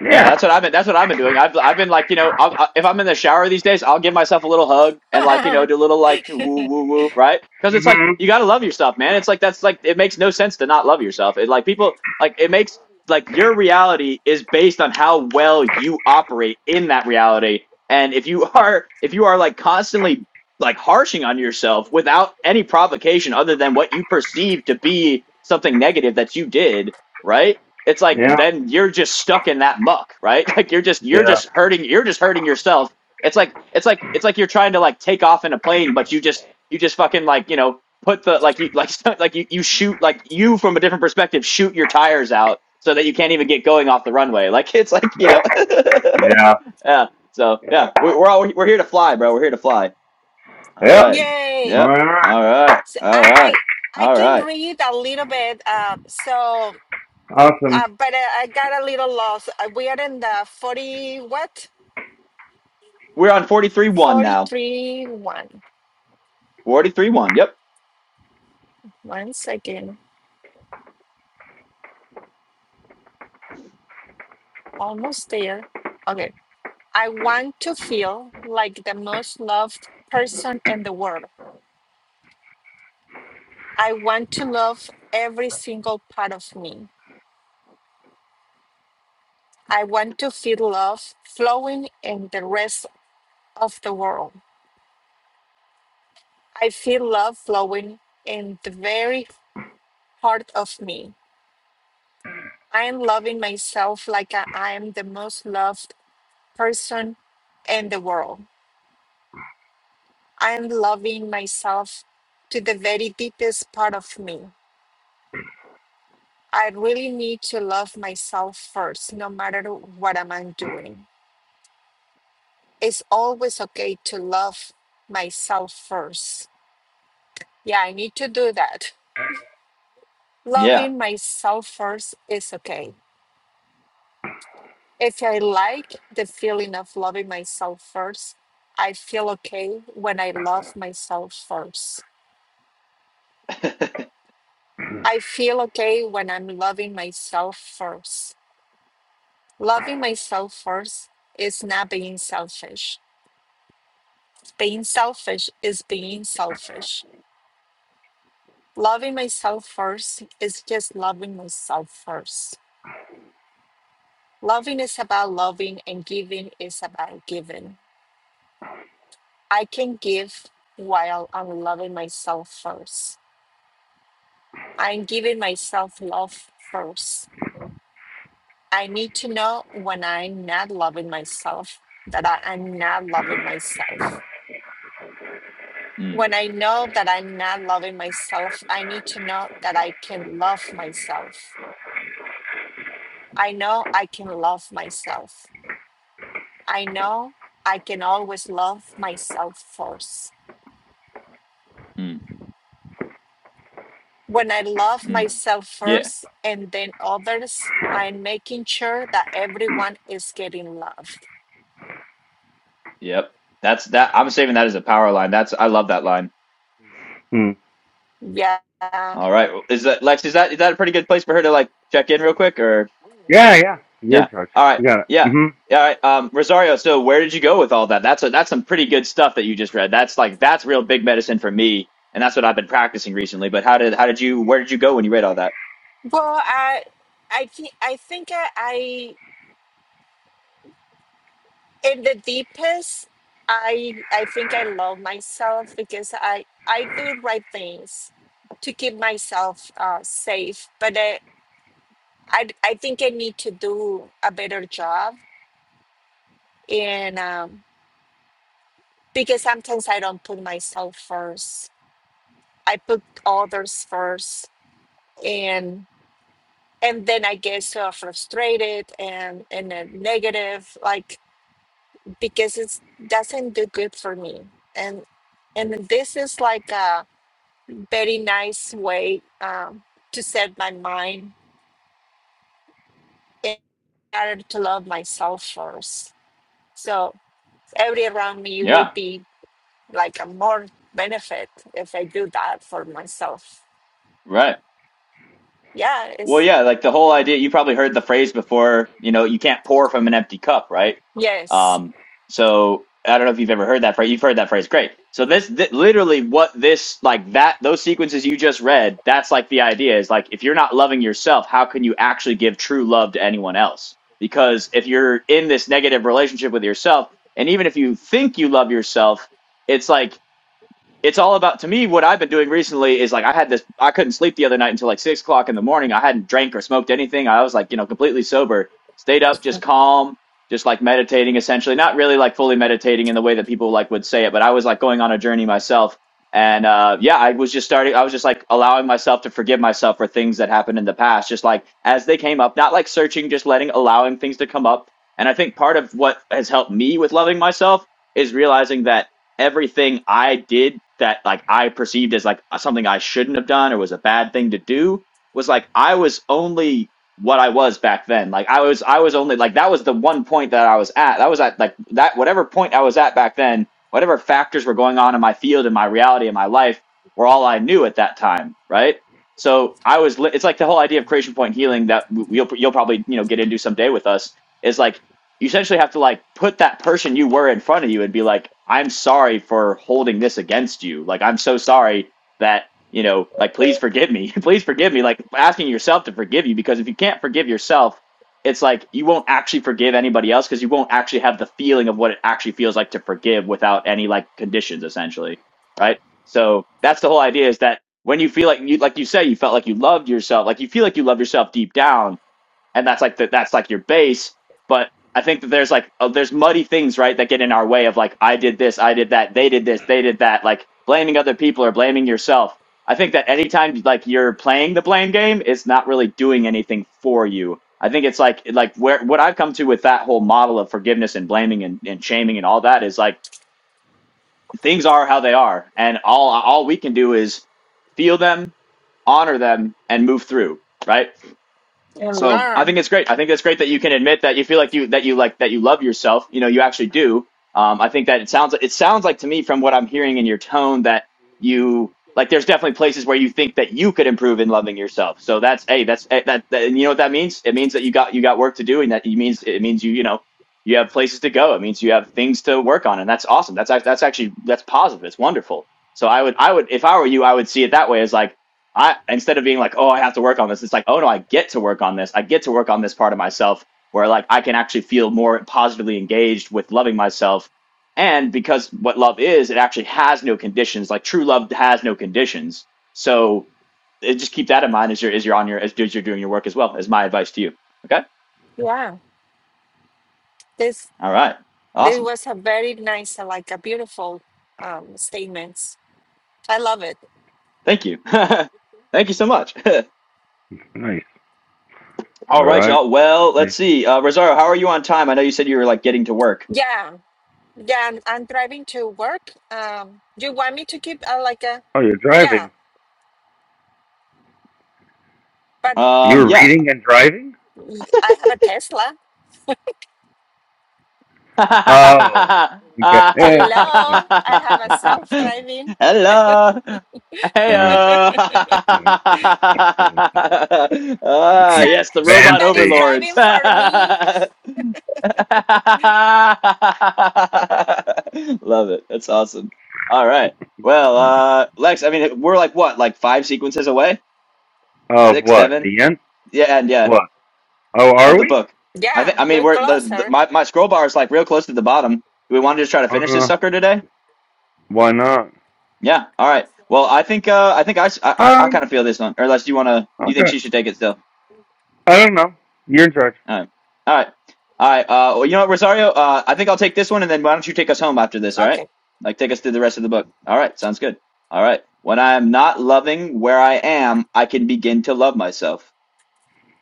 Speaker 1: Yeah.
Speaker 2: Yeah, that's what I've been. That's what I've been doing. I've I've been like, you know, I'll, I, if I'm in the shower these days, I'll give myself a little hug and like, you know,
Speaker 3: Uh-huh.
Speaker 2: do a little like woo woo woo, right? Because it's like
Speaker 1: hmm
Speaker 2: you gotta love yourself, man. It's like that's like it makes no sense to not love yourself. It like people like it makes like your reality is based on how well you operate in that reality. And if you are if you are like constantly like harshing on yourself without any provocation other than what you perceive to be something negative that you did, right? it's like
Speaker 1: Yeah.
Speaker 2: then you're just stuck in that muck, right? Like you're just you're
Speaker 1: Yeah.
Speaker 2: just hurting you're just hurting yourself. It's like it's like it's like you're trying to like take off in a plane, but you just you just fucking like you know put the like you like like you you shoot like you from a different perspective shoot your tires out so that you can't even get going off the runway. Like it's like you know,
Speaker 1: Yeah.
Speaker 2: yeah. So yeah, we, we're all we're here to fly, bro. We're here to fly. All
Speaker 1: Yep.
Speaker 2: right.
Speaker 3: Yay.
Speaker 1: All
Speaker 2: Yep.
Speaker 1: right.
Speaker 2: All right.
Speaker 3: So I
Speaker 2: All right.
Speaker 3: I I
Speaker 2: All
Speaker 3: can
Speaker 2: right.
Speaker 3: read a little bit. Uh, so
Speaker 1: Awesome.
Speaker 3: uh, but I, I got a little lost. Uh, We are in the forty what?
Speaker 2: We're on forty three one
Speaker 3: Forty
Speaker 2: now.
Speaker 3: three one.
Speaker 2: Forty three one. Yep.
Speaker 3: One second. Almost there. Okay. I want to feel like the most loved person in the world. I want to love every single part of me. I want to feel love flowing in the rest of the world. I feel love flowing in the very heart of me. I am loving myself like I I am the most loved person in the world. I am loving myself to the very deepest part of me. I really need to love myself first, no matter what am I doing. It's always okay to love myself first. Yeah, I need to do that.
Speaker 2: Yeah.
Speaker 3: Loving myself first is okay. If I like the feeling of loving myself first, I feel okay when I love myself first. I feel okay when I'm loving myself first. Loving myself first is not being selfish Being selfish is being selfish. Loving myself first is just loving myself first. Loving is about loving, and giving is about giving. I can give while I'm loving myself first. I'm giving myself love first. I need to know when I'm not loving myself that I am not loving myself.
Speaker 2: Mm,
Speaker 3: When I know that I'm not loving myself, I need to know that I can love myself I know I can love myself. I know I can always love myself first.
Speaker 2: mm,
Speaker 3: When I love
Speaker 2: mm.
Speaker 3: myself
Speaker 2: Yeah.
Speaker 3: first and then others, I'm making sure that everyone is getting loved.
Speaker 2: Yep. That's that. I'm saving that as a power line. That's I love that line.
Speaker 1: Hmm.
Speaker 3: Yeah.
Speaker 2: All
Speaker 3: Well,
Speaker 2: right. Is that Lex? Is that is that a pretty good place for her to like check in real quick? Or
Speaker 1: Yeah. Yeah. Your
Speaker 2: yeah.
Speaker 1: touch.
Speaker 2: All right.
Speaker 1: You got it.
Speaker 2: Yeah.
Speaker 1: hmm
Speaker 2: Yeah. All right. Um, Rosario. So where did you go with all that? That's a, that's some pretty good stuff that you just read. That's like that's real big medicine for me, and that's what I've been practicing recently. But how did how did you where did you go when you read all that?
Speaker 3: I I think I think I, I in the deepest I I think I love myself because I I do right things to keep myself uh, safe. But I. I I think I need to do a better job and um, because sometimes I don't put myself first. I put others first and and then I get so frustrated and and uh, negative like because it doesn't do good for me and and this is like a very nice way um, to set my mind and to love myself first. So every around me will
Speaker 2: Yeah.
Speaker 3: be like a more benefit if I do that for myself.
Speaker 2: Right.
Speaker 3: Yeah,
Speaker 2: Well,
Speaker 3: it's
Speaker 2: yeah, like the whole idea, you probably heard the phrase before, you know, you can't pour from an empty cup, right?
Speaker 3: yes.
Speaker 2: Um, so I don't know if you've ever heard that phrase. You've heard that phrase. Great. So this, th- literally what this, like that, those sequences you just read, that's like the idea is like, if you're not loving yourself, how can you actually give true love to anyone else? Because if you're in this negative relationship with yourself, and even if you think you love yourself, it's like it's all about to me what i've been doing recently is like i had this i couldn't sleep the other night until like six o'clock in the morning i hadn't drank or smoked anything i was like you know completely sober stayed up just calm just like meditating essentially not really like fully meditating in the way that people like would say it but i was like going on a journey myself and uh, yeah i was just starting i was just like allowing myself to forgive myself for things that happened in the past just like as they came up not like searching just letting allowing things to come up and i think part of what has helped me with loving myself is realizing that everything I did that like I perceived as like something I shouldn't have done or was a bad thing to do was like I was only what I was back then. Like I was I was only like that was the one point that I was at. That was at like that whatever point I was at back then, whatever factors were going on in my field and my reality in my life were all I knew at that time, right? So I was li- it's like the whole idea of creation point healing that w- you'll you'll probably, you know, get into someday with us is like you essentially have to like put that person you were in front of you and be like, I'm sorry for holding this against you. Like, I'm so sorry that, you know, like, please forgive me. please forgive me. Like, asking yourself to forgive you because if you can't forgive yourself, it's like you won't actually forgive anybody else because you won't actually have the feeling of what it actually feels like to forgive without any like conditions, essentially. Right. So that's the whole idea is that when you feel like you, like you say, you felt like you loved yourself, like you feel like you love yourself deep down and that's like the, that's like your base but i think that there's like uh, there's muddy things right that get in our way of like i did this i did that they did this they did that like blaming other people or blaming yourself i think that anytime like you're playing the blame game it's not really doing anything for you i think it's like like where what i've come to with that whole model of forgiveness and blaming and, and shaming and all that is like things are how they are and all all we can do is feel them honor them and move through right so I think it's great. I think it's great that you can admit that you feel like you that you like that you love yourself. You know, you actually do. Um, I think that it sounds it sounds like to me from what I'm hearing in your tone that you like. There's definitely places where you think that you could improve in loving yourself. So that's hey, that's eh, that, that and you know what that means? It means that you got you got work to do, and that it means it means you you know you have places to go. It means you have things to work on, and that's awesome. That's act- that's actually that's positive. It's wonderful. So I would I would if I were you, I would see it that way as like I instead of being like, oh, I have to work on this, it's like, oh no, I get to work on this. I get to work on this part of myself where like I can actually feel more positively engaged with loving myself. And because what love is, it actually has no conditions. Like true love has no conditions. So it, just keep that in mind as you're as you're on your as, as you're doing your work as well. Is my advice to you. Okay.
Speaker 3: Yeah. This
Speaker 2: All right.
Speaker 3: this
Speaker 2: Awesome.
Speaker 3: was a very nice uh, like a beautiful um statements. I love it.
Speaker 2: Thank you. Thank you so much.
Speaker 1: Nice. All
Speaker 2: All right,
Speaker 1: right.
Speaker 2: y'all. Well, let's see. Uh, Rosario, how are you on time? I know you said you were like getting to work.
Speaker 3: Yeah. Yeah, I'm, I'm driving to work. Um you want me to keep uh, like a
Speaker 1: Oh, you're
Speaker 3: yeah,
Speaker 1: driving.
Speaker 3: but
Speaker 2: Um,
Speaker 1: You're
Speaker 2: yeah.
Speaker 1: reading and driving.
Speaker 3: I have a Tesla.
Speaker 1: Oh, okay.
Speaker 2: Hello.
Speaker 3: Hello, I have a self-driving.
Speaker 2: Hey.
Speaker 1: she's
Speaker 2: Ah,
Speaker 3: Some
Speaker 2: yes, the robot
Speaker 3: somebody's
Speaker 1: fancy.
Speaker 2: overlords.
Speaker 3: driving for me.
Speaker 2: Love it. That's awesome. All right. Well, uh, Lex, I mean, we're like what, like five sequences away?
Speaker 1: Of
Speaker 2: Six,
Speaker 1: what? The
Speaker 2: seven?
Speaker 1: yen?
Speaker 2: Yeah, and yeah,
Speaker 1: What? Oh,
Speaker 2: of
Speaker 1: are
Speaker 2: the
Speaker 1: we?
Speaker 2: book. I think.
Speaker 3: Yeah,
Speaker 2: I mean,
Speaker 3: we're
Speaker 2: we're the, the
Speaker 3: closer.
Speaker 2: my my scroll bar is like real close to the bottom. Do we want to just try to finish this
Speaker 1: Uh,
Speaker 2: sucker today?
Speaker 1: why not?
Speaker 2: Yeah. All right. Well, I think uh, I think I, s- I, kind
Speaker 1: Um,
Speaker 2: of feel this one. Or unless you wanna, you think
Speaker 1: okay.
Speaker 2: she should take it still.
Speaker 1: I don't know. You're in charge.
Speaker 2: All right. All right. All right. Uh, well, you know what, Rosario? Uh, I think I'll take this one, and then why don't you take us home after this? All
Speaker 3: Okay.
Speaker 2: right. Like take us through the rest of the book. All right. Sounds good. All right. When I am not loving where I am, I can begin to love myself.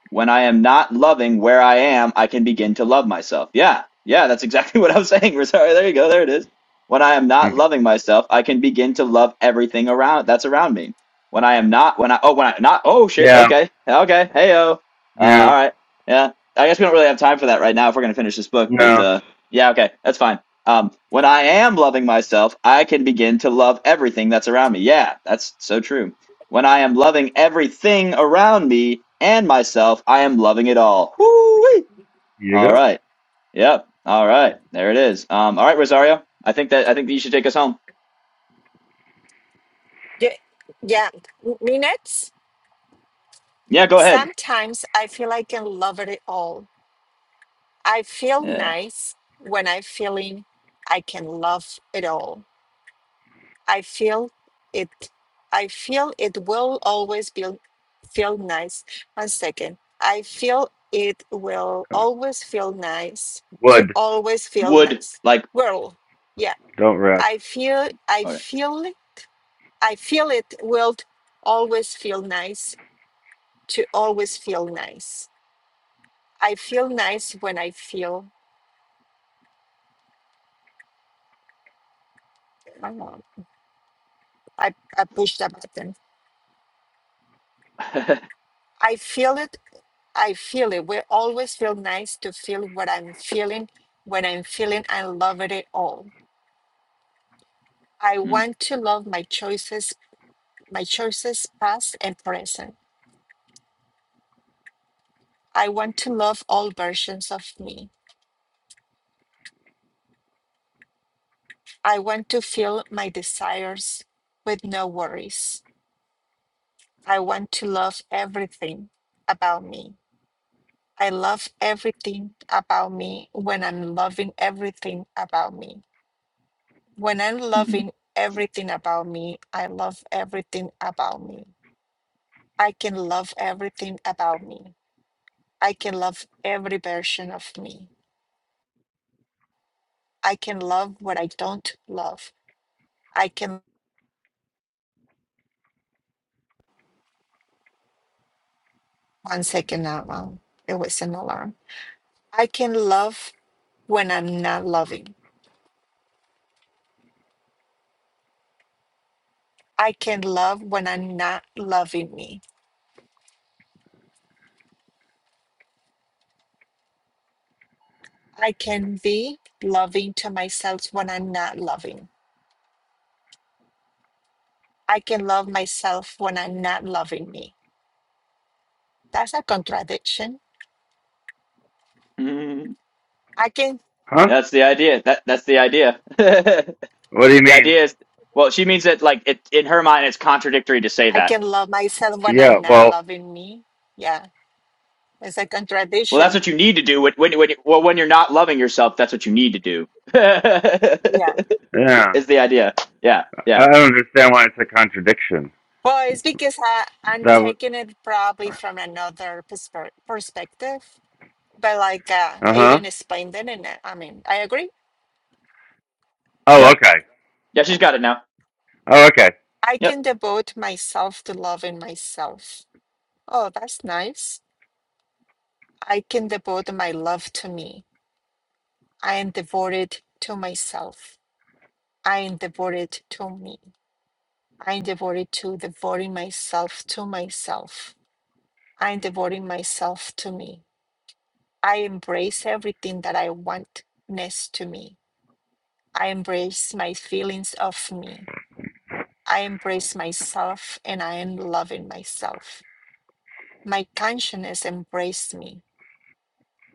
Speaker 2: When I am not loving where I am, I can begin to love myself. Yeah, yeah, that's exactly what I'm saying. Sorry, there you go. There it is. When I am not loving myself, I can begin to love everything around that's around me. When I am not, when I oh, when I not oh shit.
Speaker 1: yeah,
Speaker 2: Okay, okay. Hey oh. Uh,
Speaker 1: yeah,
Speaker 2: all right. Yeah. I guess we don't really have time for that right now if we're gonna finish this book. But
Speaker 1: no.
Speaker 2: uh, yeah, okay, that's fine. Um, when I am loving myself, I can begin to love everything that's around me. Yeah, that's so true. When I am loving everything around me and myself, I am loving it all. Woo-wee.
Speaker 1: You
Speaker 2: All
Speaker 1: go.
Speaker 2: right. Yep. All right. There it is. Um, all right, Rosario. I think that I think that you should take us home.
Speaker 3: Yeah, yeah. m- Minutes.
Speaker 2: Yeah, go ahead.
Speaker 3: Sometimes I feel I can love it all. I feel
Speaker 2: Yeah.
Speaker 3: nice when I'm feeling I can love it all. I feel it. I feel it will always be feel nice. One second. I feel it will always feel nice to
Speaker 1: Wood.
Speaker 3: always feel
Speaker 2: Would
Speaker 3: nice.
Speaker 2: like
Speaker 3: Well, yeah.
Speaker 1: Don't wreck.
Speaker 3: I feel. I
Speaker 2: okay.
Speaker 3: feel it. I feel it will always feel nice to always feel nice. I feel nice when I feel, I, don't know, I, I push that button. I feel it. I feel it. We always feel nice to feel what I'm feeling when I'm feeling I love it all. I
Speaker 2: Mm,
Speaker 3: want to love my choices, my choices past and present. I want to love all versions of me. I want to feel my desires with no worries. I want to love everything about me. I love everything about me when I'm loving everything about me. When I'm
Speaker 2: mhm,
Speaker 3: loving everything about me, I love everything about me. I can love everything about me. I can love every version of me. I can love what I don't love. I can, one second, alarm. It was an alarm. I can love when I'm not loving. I can love when I'm not loving me. I can be loving to myself when I'm not loving. I can love myself when I'm not loving me. That's a contradiction.
Speaker 2: mhm.
Speaker 3: I can
Speaker 1: Huh?
Speaker 2: That's the idea. That that's the idea.
Speaker 1: What do you
Speaker 2: The
Speaker 1: mean?
Speaker 2: idea is well, she means that like it in her mind it's contradictory to say
Speaker 3: I
Speaker 2: that.
Speaker 3: can love myself when
Speaker 1: Yeah,
Speaker 3: I'm not
Speaker 1: well,
Speaker 3: loving me. Yeah, it's a
Speaker 2: Well, that's
Speaker 3: contradiction.
Speaker 2: what you need to do when when when well, when you're not loving yourself, that's what you need to do.
Speaker 3: Yeah.
Speaker 1: yeah.
Speaker 2: is the idea. Yeah,
Speaker 1: I
Speaker 2: yeah,
Speaker 1: don't understand why it's a contradiction.
Speaker 3: Well, it's because I, I'm
Speaker 1: That would.
Speaker 3: taking it probably from another perspe- perspective, but like uh,
Speaker 1: Uh huh.
Speaker 3: Aiden explained it, and I I mean, I agree.
Speaker 1: Oh,
Speaker 2: yeah,
Speaker 1: okay.
Speaker 2: yeah. She's got it now.
Speaker 1: Oh, okay.
Speaker 3: I
Speaker 2: Yep.
Speaker 3: can devote myself to loving myself. Oh, that's nice. I can devote my love to me. I am devoted to myself. I am devoted to me. I am devoted to devoting myself to myself. I am devoting myself to me. I embrace everything that I want next to me. I embrace my feelings of me. I embrace myself and I am loving myself. My consciousness embraces me.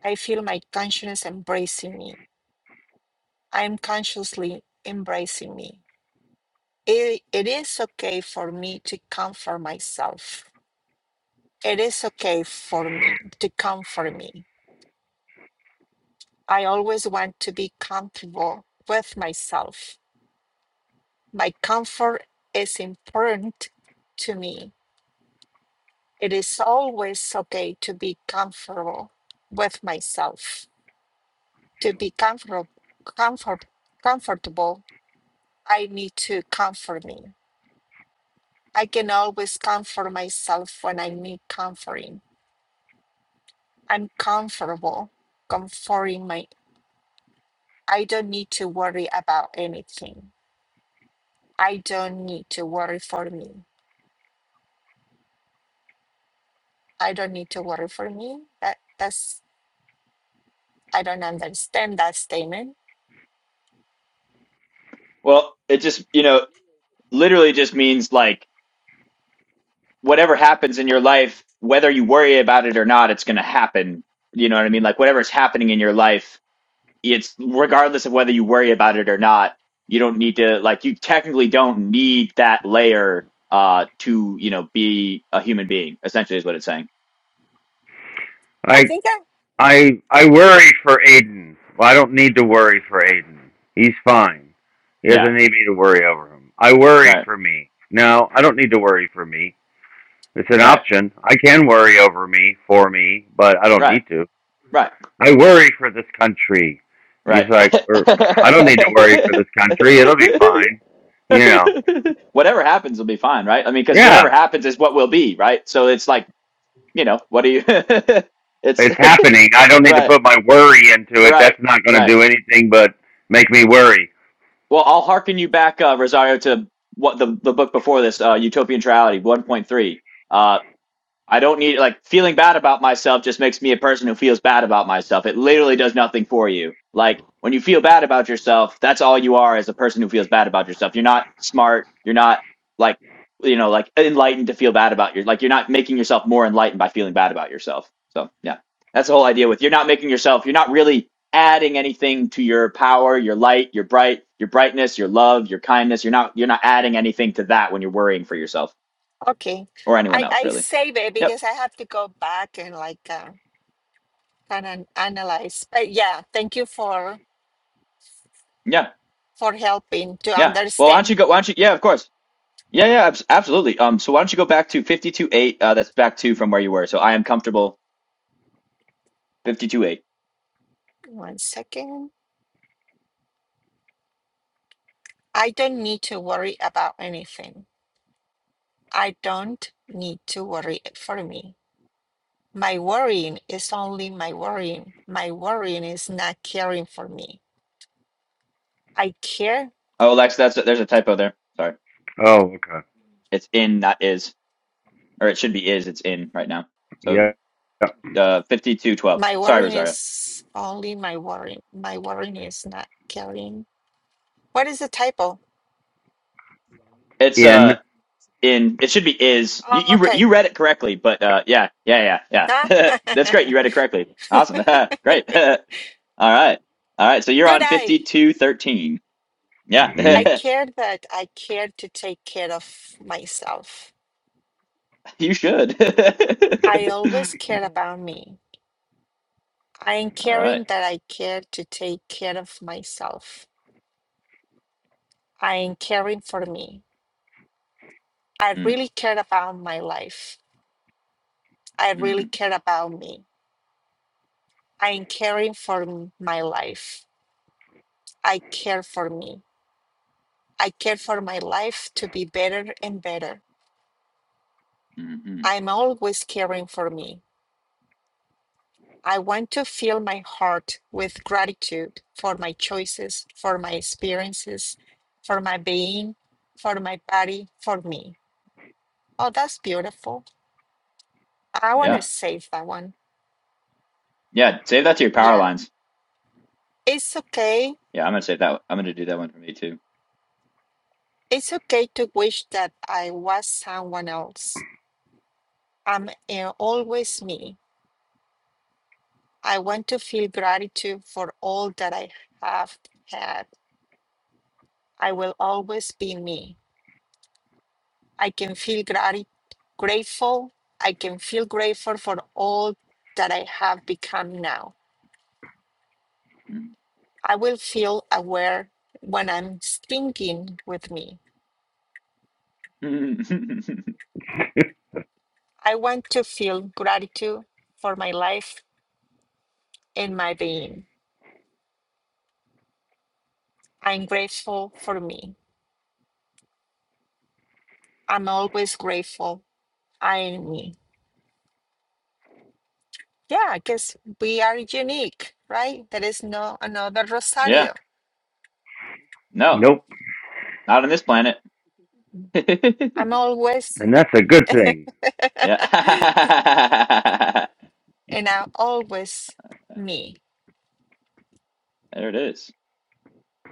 Speaker 3: I feel my consciousness embracing me. I am consciously embracing me. it, it is okay for me to comfort myself. It is okay for me to comfort me. I always want to be comfortable with myself. My comfort is important to me. It is always okay to be comfortable with myself. To be comfortable, comfort, comfortable, I need to comfort me. I can always comfort myself when I need comforting. I'm comfortable comforting my I don't need to worry about anything. I don't need to worry for me. I don't need to worry for me. That that's I don't understand that statement.
Speaker 2: Well, it just you know literally just means like whatever happens in your life, whether you worry about it or not, it's going to happen. You know what I mean? Like whatever's happening in your life, it's regardless of whether you worry about it or not. You don't need to like you technically don't need that layer uh to you know be a human being. Essentially, is what it's saying.
Speaker 3: I
Speaker 1: I
Speaker 3: think I
Speaker 1: I I worry for Aiden. Well, I don't need to worry for Aiden. He's fine. He
Speaker 2: Yeah.
Speaker 1: doesn't need me to worry over him. I worry
Speaker 2: Right.
Speaker 1: for me. No, I don't need to worry for me. It's an
Speaker 2: Right.
Speaker 1: option. I can worry over me for me, but I don't
Speaker 2: Right.
Speaker 1: need to.
Speaker 2: Right.
Speaker 1: I worry for this country. He's like, er, I don't need to worry for this country. It'll be
Speaker 2: Right.
Speaker 1: fine. You know.
Speaker 2: whatever happens will be fine, right? I mean, because whatever
Speaker 1: Yeah,
Speaker 2: happens is what will be, right? So it's like, you know, what do you? it's
Speaker 1: it's happening. I don't need to
Speaker 2: right,
Speaker 1: put my worry into it.
Speaker 2: right,
Speaker 1: That's not going to
Speaker 2: right.
Speaker 1: do anything but make me worry.
Speaker 2: Well, I'll hearken you back, uh, Rosario, to what the the book before this, uh, Utopian Triality, one point three. Uh, I don't need like feeling bad about myself just makes me a person who feels bad about myself. It literally does nothing for you. Like when you feel bad about yourself, that's all you are as a person who feels bad about yourself. You're not smart. You're not like you know like enlightened to feel bad about your like you're not making yourself more enlightened by feeling bad about yourself. So yeah, that's the whole idea with you're not making yourself. You're not really adding anything to your power, your light, your bright, your brightness, your love, your kindness. You're not you're not adding anything to that when you're worrying for yourself
Speaker 3: okay.
Speaker 2: or anyone
Speaker 3: I
Speaker 2: else
Speaker 3: I
Speaker 2: really.
Speaker 3: save it
Speaker 2: Yep.
Speaker 3: because I have to go back and like uh, kind of analyze. But yeah, thank you for
Speaker 2: Yeah.
Speaker 3: for helping to
Speaker 2: Yeah. Well, why don't
Speaker 3: understand.
Speaker 2: you go? Why don't you? Yeah, of course. Yeah, yeah, abs- absolutely. Um, so why don't you go back to fifty-two eight? Uh, that's back two from where you were. So I am comfortable fifty-two eight.
Speaker 3: One second. I don't need to worry about anything. I don't need to worry for me. My worrying is only my worrying. My worrying is not caring for me. I care.
Speaker 2: Oh, Lex, that's there's a typo there. Sorry,
Speaker 1: Oh, okay.
Speaker 2: it's in, not is, or it should be is. It's in right now. So
Speaker 1: Yeah.
Speaker 2: uh, fifty-two twelve.
Speaker 3: My
Speaker 2: Sorry,
Speaker 3: worrying
Speaker 2: Rosario.
Speaker 3: is only my worrying. My worrying is not caring. What is the typo?
Speaker 2: It's
Speaker 1: in.
Speaker 2: uh in. It should be is.
Speaker 3: Oh,
Speaker 2: You you re-
Speaker 3: okay.
Speaker 2: you read it correctly, but uh, yeah, yeah, yeah,
Speaker 3: Ah.
Speaker 2: yeah. that's great. You read it correctly. Awesome. great. all right, all right. So you're
Speaker 3: Good
Speaker 2: on
Speaker 3: eye.
Speaker 2: fifty-two thirteen.
Speaker 1: hmm
Speaker 2: Yeah.
Speaker 3: I care that I care to take care of myself.
Speaker 2: You should.
Speaker 3: I always care about me. I am
Speaker 2: All right.
Speaker 3: caring that I care to take care of myself. I am caring for me. I
Speaker 2: Mm,
Speaker 3: really cared about my life. I really
Speaker 2: mm-hmm,
Speaker 3: cared about me. I'm caring for m- my life. I care for me. I care for my life to be better and better.
Speaker 2: mm-hmm.
Speaker 3: I'm always caring for me. I want to fill my heart with gratitude for my choices, for my experiences, for my being, for my body, for me. Oh, that's beautiful. I want to
Speaker 2: Yeah.
Speaker 3: save that one.
Speaker 2: Yeah. Save that to your power
Speaker 3: Yeah.
Speaker 2: lines.
Speaker 3: It's okay
Speaker 2: Yeah, I'm gonna save that. I'm gonna do that one for me too.
Speaker 3: It's okay to wish that I was someone else. I'm uh, always me. I want to feel gratitude for all that I have had. I will always be me. I can feel grati- grateful. I can feel grateful for all that I have become now. I will feel aware when I'm thinking with me.
Speaker 2: Mm.
Speaker 3: I want to feel gratitude for my life and my being. I'm grateful for me. I'm always grateful. I mean, yeah, I guess we are unique, right? There is no another
Speaker 2: Yeah.
Speaker 3: Rosario.
Speaker 2: No,
Speaker 1: nope.
Speaker 2: not on this planet.
Speaker 3: I'm always,
Speaker 1: And that's a good thing.
Speaker 2: Yeah.
Speaker 3: and I'm always me.
Speaker 2: There it is.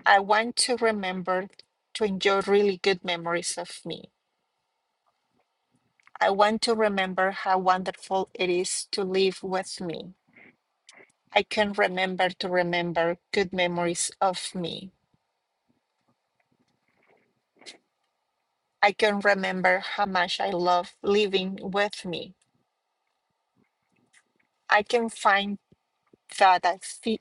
Speaker 3: I want to remember to enjoy really good memories of me. I want to remember how wonderful it is to live with me. I can remember to remember good memories of me. I can remember how much I love living with me. I can find That I feel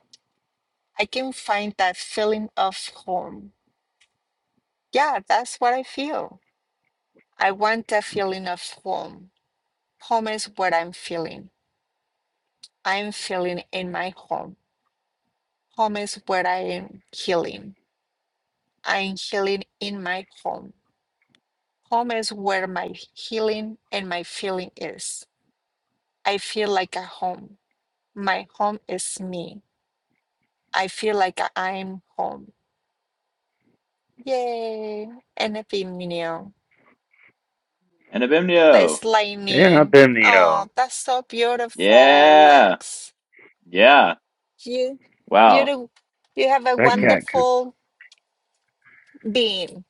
Speaker 3: I can find that feeling of home. Yeah, that's what I feel. I want that feeling of home. Home is what I'm feeling. I'm feeling in my home. Home is where I am healing. I'm healing in my home. Home is where my healing and my feeling is. I feel like a home. My home is me. I feel like I'm home. Yay! And a
Speaker 2: And Abimnio.
Speaker 3: Lex
Speaker 1: Yeah, I've
Speaker 3: Lightning.
Speaker 1: been the, uh,
Speaker 3: Oh, that's so beautiful,
Speaker 2: Yeah.
Speaker 3: Lex.
Speaker 2: Yeah.
Speaker 3: You, you,
Speaker 2: Wow.
Speaker 3: do- you have a
Speaker 1: that
Speaker 2: Mm.
Speaker 1: cat can,
Speaker 3: wonderful being.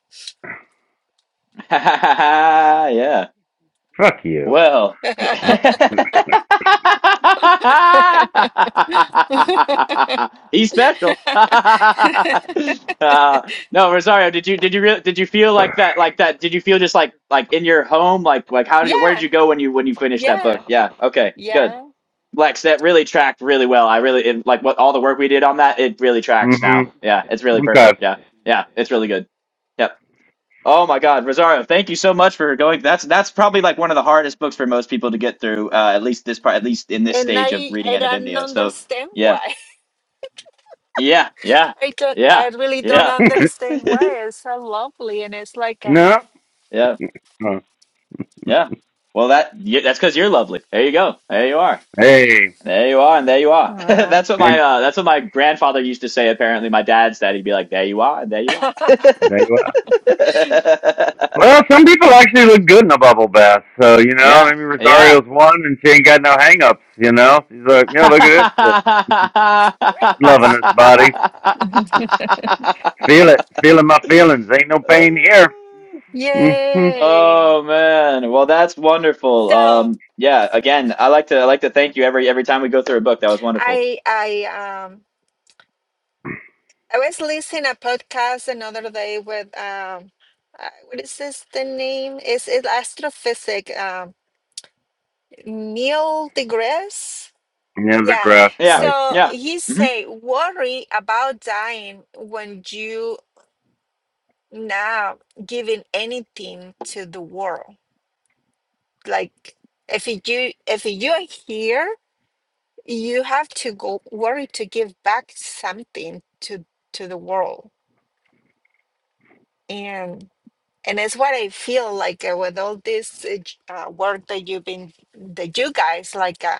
Speaker 2: Yeah.
Speaker 1: fuck you.
Speaker 2: Well, he's special. uh, no, Rosario, did you did you really did you feel like that like that? Did you feel just like like in your home? Like like how did you, where did
Speaker 3: yeah,
Speaker 2: you go when you when you finished that
Speaker 3: yeah,
Speaker 2: book? Yeah. Okay. Good.
Speaker 3: yeah.
Speaker 2: Lex, that really tracked really well. I really it, like what all the work we did on that. It really tracks now.
Speaker 1: Mm-hmm.
Speaker 2: Yeah, it's really
Speaker 1: Okay.
Speaker 2: perfect. Yeah, yeah, it's really good. Yep. Oh my God, Rosario, thank you so much for going. That's that's probably like one of the hardest books for most people to get through, uh, at least this part, at least in this
Speaker 3: And
Speaker 2: stage of
Speaker 3: I,
Speaker 2: reading
Speaker 3: I don't
Speaker 2: Anabimnio. So
Speaker 3: understand
Speaker 2: yeah,
Speaker 3: why.
Speaker 2: yeah, yeah,
Speaker 3: I don't.
Speaker 2: yeah,
Speaker 3: I really don't
Speaker 2: yeah,
Speaker 3: understand why. It's so lovely, and it's like a,
Speaker 1: no.
Speaker 2: yeah,
Speaker 1: Uh,
Speaker 2: yeah. Well, that yeah, that's because you're lovely. There you go. There you are.
Speaker 1: Hey.
Speaker 2: There you are, and there you are.
Speaker 3: uh,
Speaker 2: that's what my
Speaker 1: And
Speaker 2: uh, that's what my grandfather used to say. Apparently, my dad's dad, he'd be like, "There you are, and there you are."
Speaker 1: there you are. Well, some people actually look good in a bubble bath. So, you know, I
Speaker 2: yeah,
Speaker 1: mean,
Speaker 2: yeah,
Speaker 1: Rosario's one and she ain't got no hang-ups, you know? She's like, you know, look at this shit. Loving this body. Feel it. Feeling my feelings. Ain't no pain here. Mm-hmm.
Speaker 3: yay.
Speaker 2: Oh man. Well, that's wonderful.
Speaker 3: So
Speaker 2: Um yeah, again, I like to I like to thank you every every time we go through a book. That was wonderful.
Speaker 3: I, I um. I was listening a podcast another day with um, uh, what is this the name? Is it astrophysic? Um, Neil deGrasse.
Speaker 1: Yeah, the
Speaker 3: Yeah.
Speaker 1: grass,
Speaker 2: Yeah.
Speaker 1: Tyson.
Speaker 3: So
Speaker 2: Yeah.
Speaker 3: he
Speaker 2: hmm
Speaker 3: say worry about dying when you not giving anything to the world. Like if you if you are here, you have to go worry to give back something to to the world. and. and it's what I feel like uh, with all this uh, j- uh, work that you've been that you guys like uh,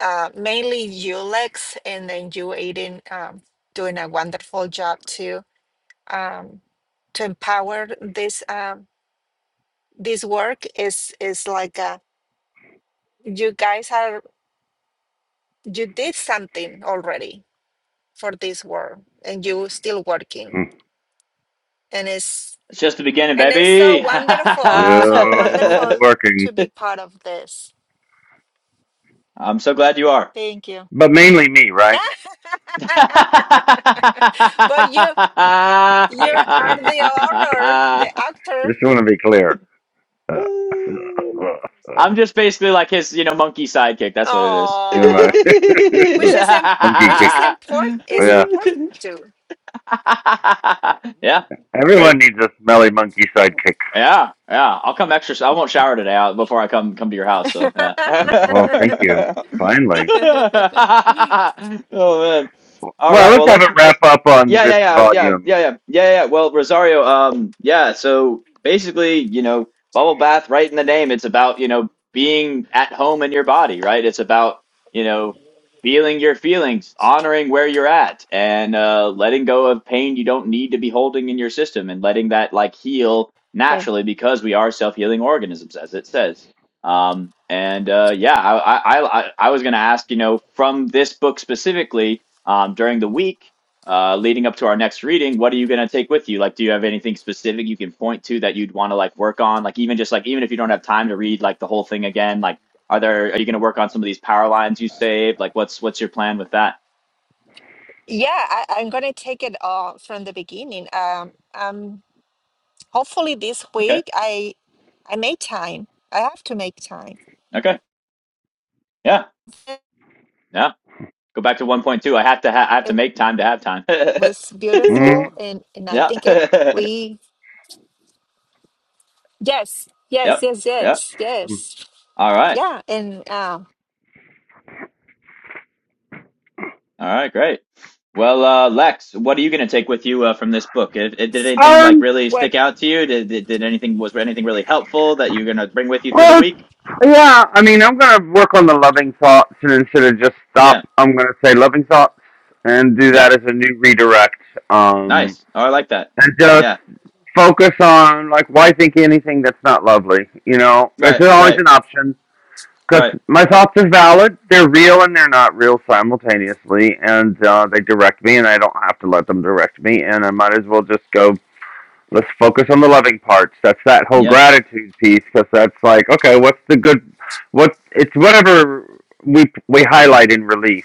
Speaker 3: uh, mainly you Lex and then you Aiden um, doing a wonderful job to um, to empower this um, this work is is like uh, you guys are you did something already for this work and you still working
Speaker 1: Mm.
Speaker 3: and it's
Speaker 2: It's just the beginning,
Speaker 3: and it's so
Speaker 2: baby.
Speaker 3: wonderful so
Speaker 1: Still
Speaker 3: wonderful
Speaker 1: working.
Speaker 3: to be part of this.
Speaker 2: I'm so glad you are.
Speaker 3: Thank you.
Speaker 1: But mainly me, right?
Speaker 3: but you you are
Speaker 1: Uh,
Speaker 3: the author, the actor.
Speaker 1: just want to be clear. Uh, you
Speaker 2: I'm just basically like his, you know, monkey sidekick. That's what it is.
Speaker 1: know, my
Speaker 3: Oh, which is im-
Speaker 1: monkey
Speaker 3: which is
Speaker 1: kick.
Speaker 3: important. It's
Speaker 1: Yeah.
Speaker 3: important too.
Speaker 2: yeah, it's great.
Speaker 1: Everyone needs a smelly monkey sidekick.
Speaker 2: Yeah, yeah. I'll come extra. I won't shower today uh, before I come come to your house. So yeah.
Speaker 1: Oh, thank you. Finally.
Speaker 2: Oh man. All
Speaker 1: Well,
Speaker 2: right. Well,
Speaker 1: let's have
Speaker 2: let's.
Speaker 1: a wrap
Speaker 2: Let,
Speaker 1: up on
Speaker 2: yeah,
Speaker 1: this
Speaker 2: yeah, yeah. I was, yeah,
Speaker 1: volume.
Speaker 2: yeah, yeah, yeah, yeah. Well, Rosario. Um. Yeah. So basically, you know, bubble bath. Right in the name, it's about you know being at home in your body. Right. It's about you know feeling your feelings, honoring where you're at, and uh, letting go of pain you don't need to be holding in your system, and letting that like heal
Speaker 3: And
Speaker 2: naturally because we are self-healing organisms, as it says. Um, and uh, yeah, I, I, I, I was going to ask, you know, from this book specifically, um, during the week uh, leading up to our next reading, what are you going to take with you? Like, do you have anything specific you can point to that you'd want to like work on? Like, even just like even if you don't have time to read like the whole thing again, like, are there are you going to work on some of these power lines you saved? Like, what's what's your plan with that?
Speaker 3: yeah, I, I'm gonna take it all from the beginning. Um, um, hopefully this
Speaker 2: Okay,
Speaker 3: week I I made time. I have to make time.
Speaker 2: okay, yeah, yeah. Go back to one point two. I have to ha- I have to
Speaker 3: It
Speaker 2: make time to have time.
Speaker 3: was beautiful,
Speaker 1: mm
Speaker 3: and and I
Speaker 2: Yeah.
Speaker 3: think it we yes yes
Speaker 2: Yep.
Speaker 3: yes
Speaker 2: Yep.
Speaker 3: yes yes
Speaker 2: All right.
Speaker 3: yeah and um.
Speaker 2: All right. Great. Well, uh, Lex, what are you going to take with you uh, from this book? It if, did anything like
Speaker 1: Um,
Speaker 2: really
Speaker 3: What?
Speaker 2: stick out to you? Did, did did anything was anything really helpful that you're going to bring with you through the
Speaker 1: Well,
Speaker 2: week?
Speaker 1: yeah. I mean, I'm gonna work on the loving thoughts, and instead of just
Speaker 2: Yeah.
Speaker 1: stop, I'm gonna say loving thoughts, and do that
Speaker 2: Yep.
Speaker 1: as a new redirect. Um,
Speaker 2: Nice. Oh, I like that.
Speaker 1: and just
Speaker 2: Yeah.
Speaker 1: focus on like why think anything that's not lovely. You know,
Speaker 2: Right.
Speaker 1: it's always
Speaker 2: Right.
Speaker 1: an option because
Speaker 2: Right.
Speaker 1: my thoughts are valid. They're real and they're not real simultaneously, and uh, they direct me, and I don't have to let them direct me. And I might as well just go let's focus on the loving parts. That's that whole
Speaker 2: Yeah.
Speaker 1: gratitude piece because that's like, okay, what's the good? What it's whatever we we highlight in relief,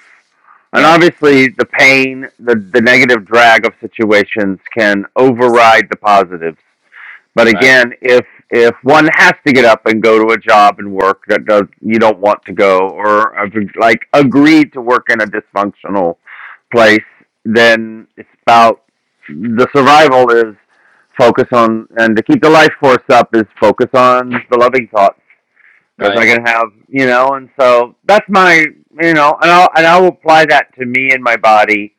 Speaker 1: and
Speaker 2: Right.
Speaker 1: obviously the pain, the the negative drag of situations can override the positives. But
Speaker 2: Right.
Speaker 1: again, if if one has to get up and go to a job and work that does you don't want to go, or like agreed to work in a dysfunctional place, then it's about the survival is focus on and to keep the life force up is focus on the loving thoughts because
Speaker 2: Right.
Speaker 1: I can have you know, and so that's my you know, and I'll and I'll apply that to me and my body,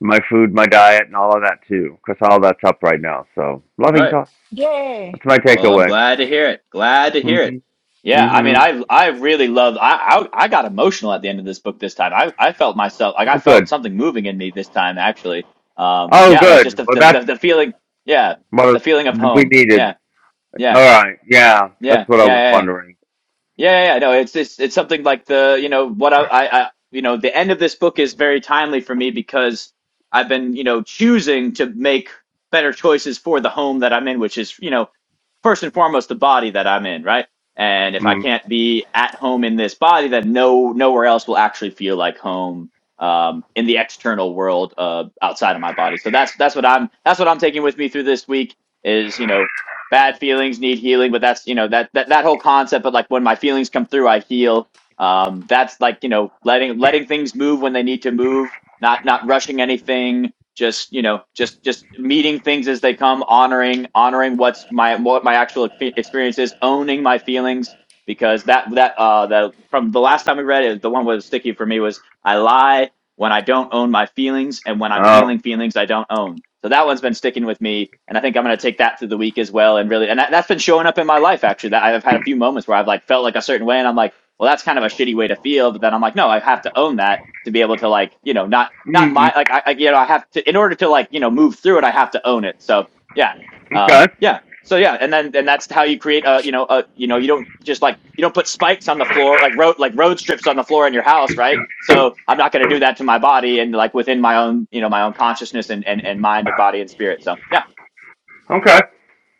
Speaker 1: my food, my diet, and all of that too, because all that's up right now. So loving
Speaker 2: Right.
Speaker 1: thoughts.
Speaker 3: Yeah.
Speaker 1: That's my
Speaker 2: Well, I'm
Speaker 1: takeaway.
Speaker 2: glad to hear it. Glad to hear it.
Speaker 1: Mm-hmm.
Speaker 2: Yeah, I
Speaker 1: hmm
Speaker 2: mean, I I really love. I, I I got emotional at the end of this book this time. I I felt myself like I
Speaker 1: Oh, good.
Speaker 2: felt something moving in me this time actually. Um,
Speaker 1: Oh,
Speaker 2: yeah, like just
Speaker 1: good.
Speaker 2: the
Speaker 1: Well,
Speaker 2: the, the,
Speaker 1: that's
Speaker 2: the feeling. Yeah,
Speaker 1: what
Speaker 2: the feeling of
Speaker 1: we
Speaker 2: home.
Speaker 1: needed.
Speaker 2: Yeah,
Speaker 1: All
Speaker 2: yeah,
Speaker 1: right. Yeah, that's
Speaker 2: yeah,
Speaker 1: what I
Speaker 2: yeah,
Speaker 1: was
Speaker 2: yeah. yeah.
Speaker 1: wondering.
Speaker 2: Yeah, yeah, yeah. No, it's it's it's something like the you know what I, I I you know the end of this book is very timely for me because I've been you know choosing to make better choices for the home that I'm in, which is you know first and foremost the body that I'm in, right? And if I
Speaker 1: Mm.
Speaker 2: can't be at home in this body, then no nowhere else will actually feel like home um, in the external world uh, outside of my body. So that's that's what I'm that's what I'm taking with me through this week is you know bad feelings need healing but that's you know that that, that whole concept of like when my feelings come through i heal um, that's like you know letting letting things move when they need to move not not rushing anything just you know just just meeting things as they come honoring honoring what's my what my actual expe- experience is owning my feelings because that that uh that from the last time we read it the one that was sticky for me was i lie when I don't own my feelings and when I'm feeling
Speaker 1: Oh.
Speaker 2: feelings I don't own. So that one's been sticking with me, and I think I'm going to take that through the week as well. And really, and that, that's been showing up in my life actually. That I've had a few moments where I've like felt like a certain way, and I'm like, well, that's kind of a shitty way to feel. But then I'm like, no, I have to own that to be able to like, you know, not not
Speaker 1: Mm.
Speaker 2: my like I, I you know I have to in order to like you know move through it, I have to own it. So yeah, um,
Speaker 1: Okay.
Speaker 2: yeah. So yeah, and then and that's how you create a you know a you know you don't just like you don't put spikes on the floor like road like road strips on the floor in your house, right? So I'm not going to do that to my body and like within my own you know my own consciousness and and, and mind and body and spirit. So yeah,
Speaker 1: Okay.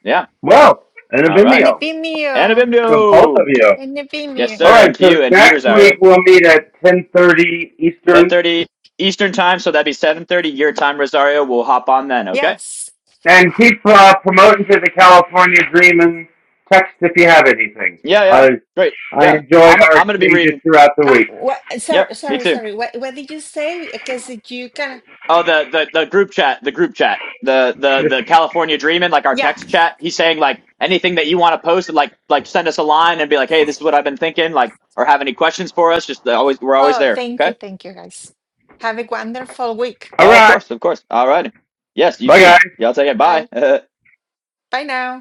Speaker 2: yeah.
Speaker 1: Well, and a
Speaker 2: All
Speaker 3: In
Speaker 2: right,
Speaker 3: the
Speaker 1: Vimeo.
Speaker 3: Vimeo.
Speaker 1: So both
Speaker 2: Anabimdo.
Speaker 1: of you.
Speaker 3: In the
Speaker 2: Yes,
Speaker 3: Vimeo.
Speaker 1: All
Speaker 2: sir.
Speaker 1: right.
Speaker 2: And to
Speaker 1: So
Speaker 2: you and to you,
Speaker 1: next week
Speaker 2: Rosario.
Speaker 1: we'll meet at ten thirty Eastern,
Speaker 2: 10:30 Eastern time, so that'd be 7:30 your time, Rosario. We'll hop on then. Okay.
Speaker 3: Yes.
Speaker 1: and keep uh, promoting to the California Dream and text if you have anything.
Speaker 2: Yeah, yeah.
Speaker 1: I
Speaker 2: Great.
Speaker 1: I
Speaker 2: Yeah.
Speaker 1: enjoyed
Speaker 2: I'm
Speaker 1: our
Speaker 2: I'm gonna be
Speaker 1: exchanges
Speaker 2: reading.
Speaker 1: throughout the
Speaker 3: Ah,
Speaker 1: week.
Speaker 3: what?
Speaker 2: Yep.
Speaker 3: Sorry,
Speaker 2: Me
Speaker 3: sorry,
Speaker 2: too.
Speaker 3: sorry. What, what did you say? Because you can.
Speaker 2: Oh, the, the the group chat, the group chat, the the the California Dreamin', like our
Speaker 3: Yeah.
Speaker 2: text chat. He's saying like anything that you want to post, like like send us a line and be like, hey, this is what I've been thinking, like, or have any questions for us? Just uh, always, we're always
Speaker 3: Oh,
Speaker 2: there.
Speaker 3: thank
Speaker 2: Okay.
Speaker 3: you. Thank you, guys. Have a wonderful week.
Speaker 1: All
Speaker 2: Uh, of
Speaker 1: right.
Speaker 2: course, of course. All right. Yes, you
Speaker 1: Bye,
Speaker 2: too.
Speaker 1: guys.
Speaker 2: Y'all take it. Bye.
Speaker 3: Bye. Bye now.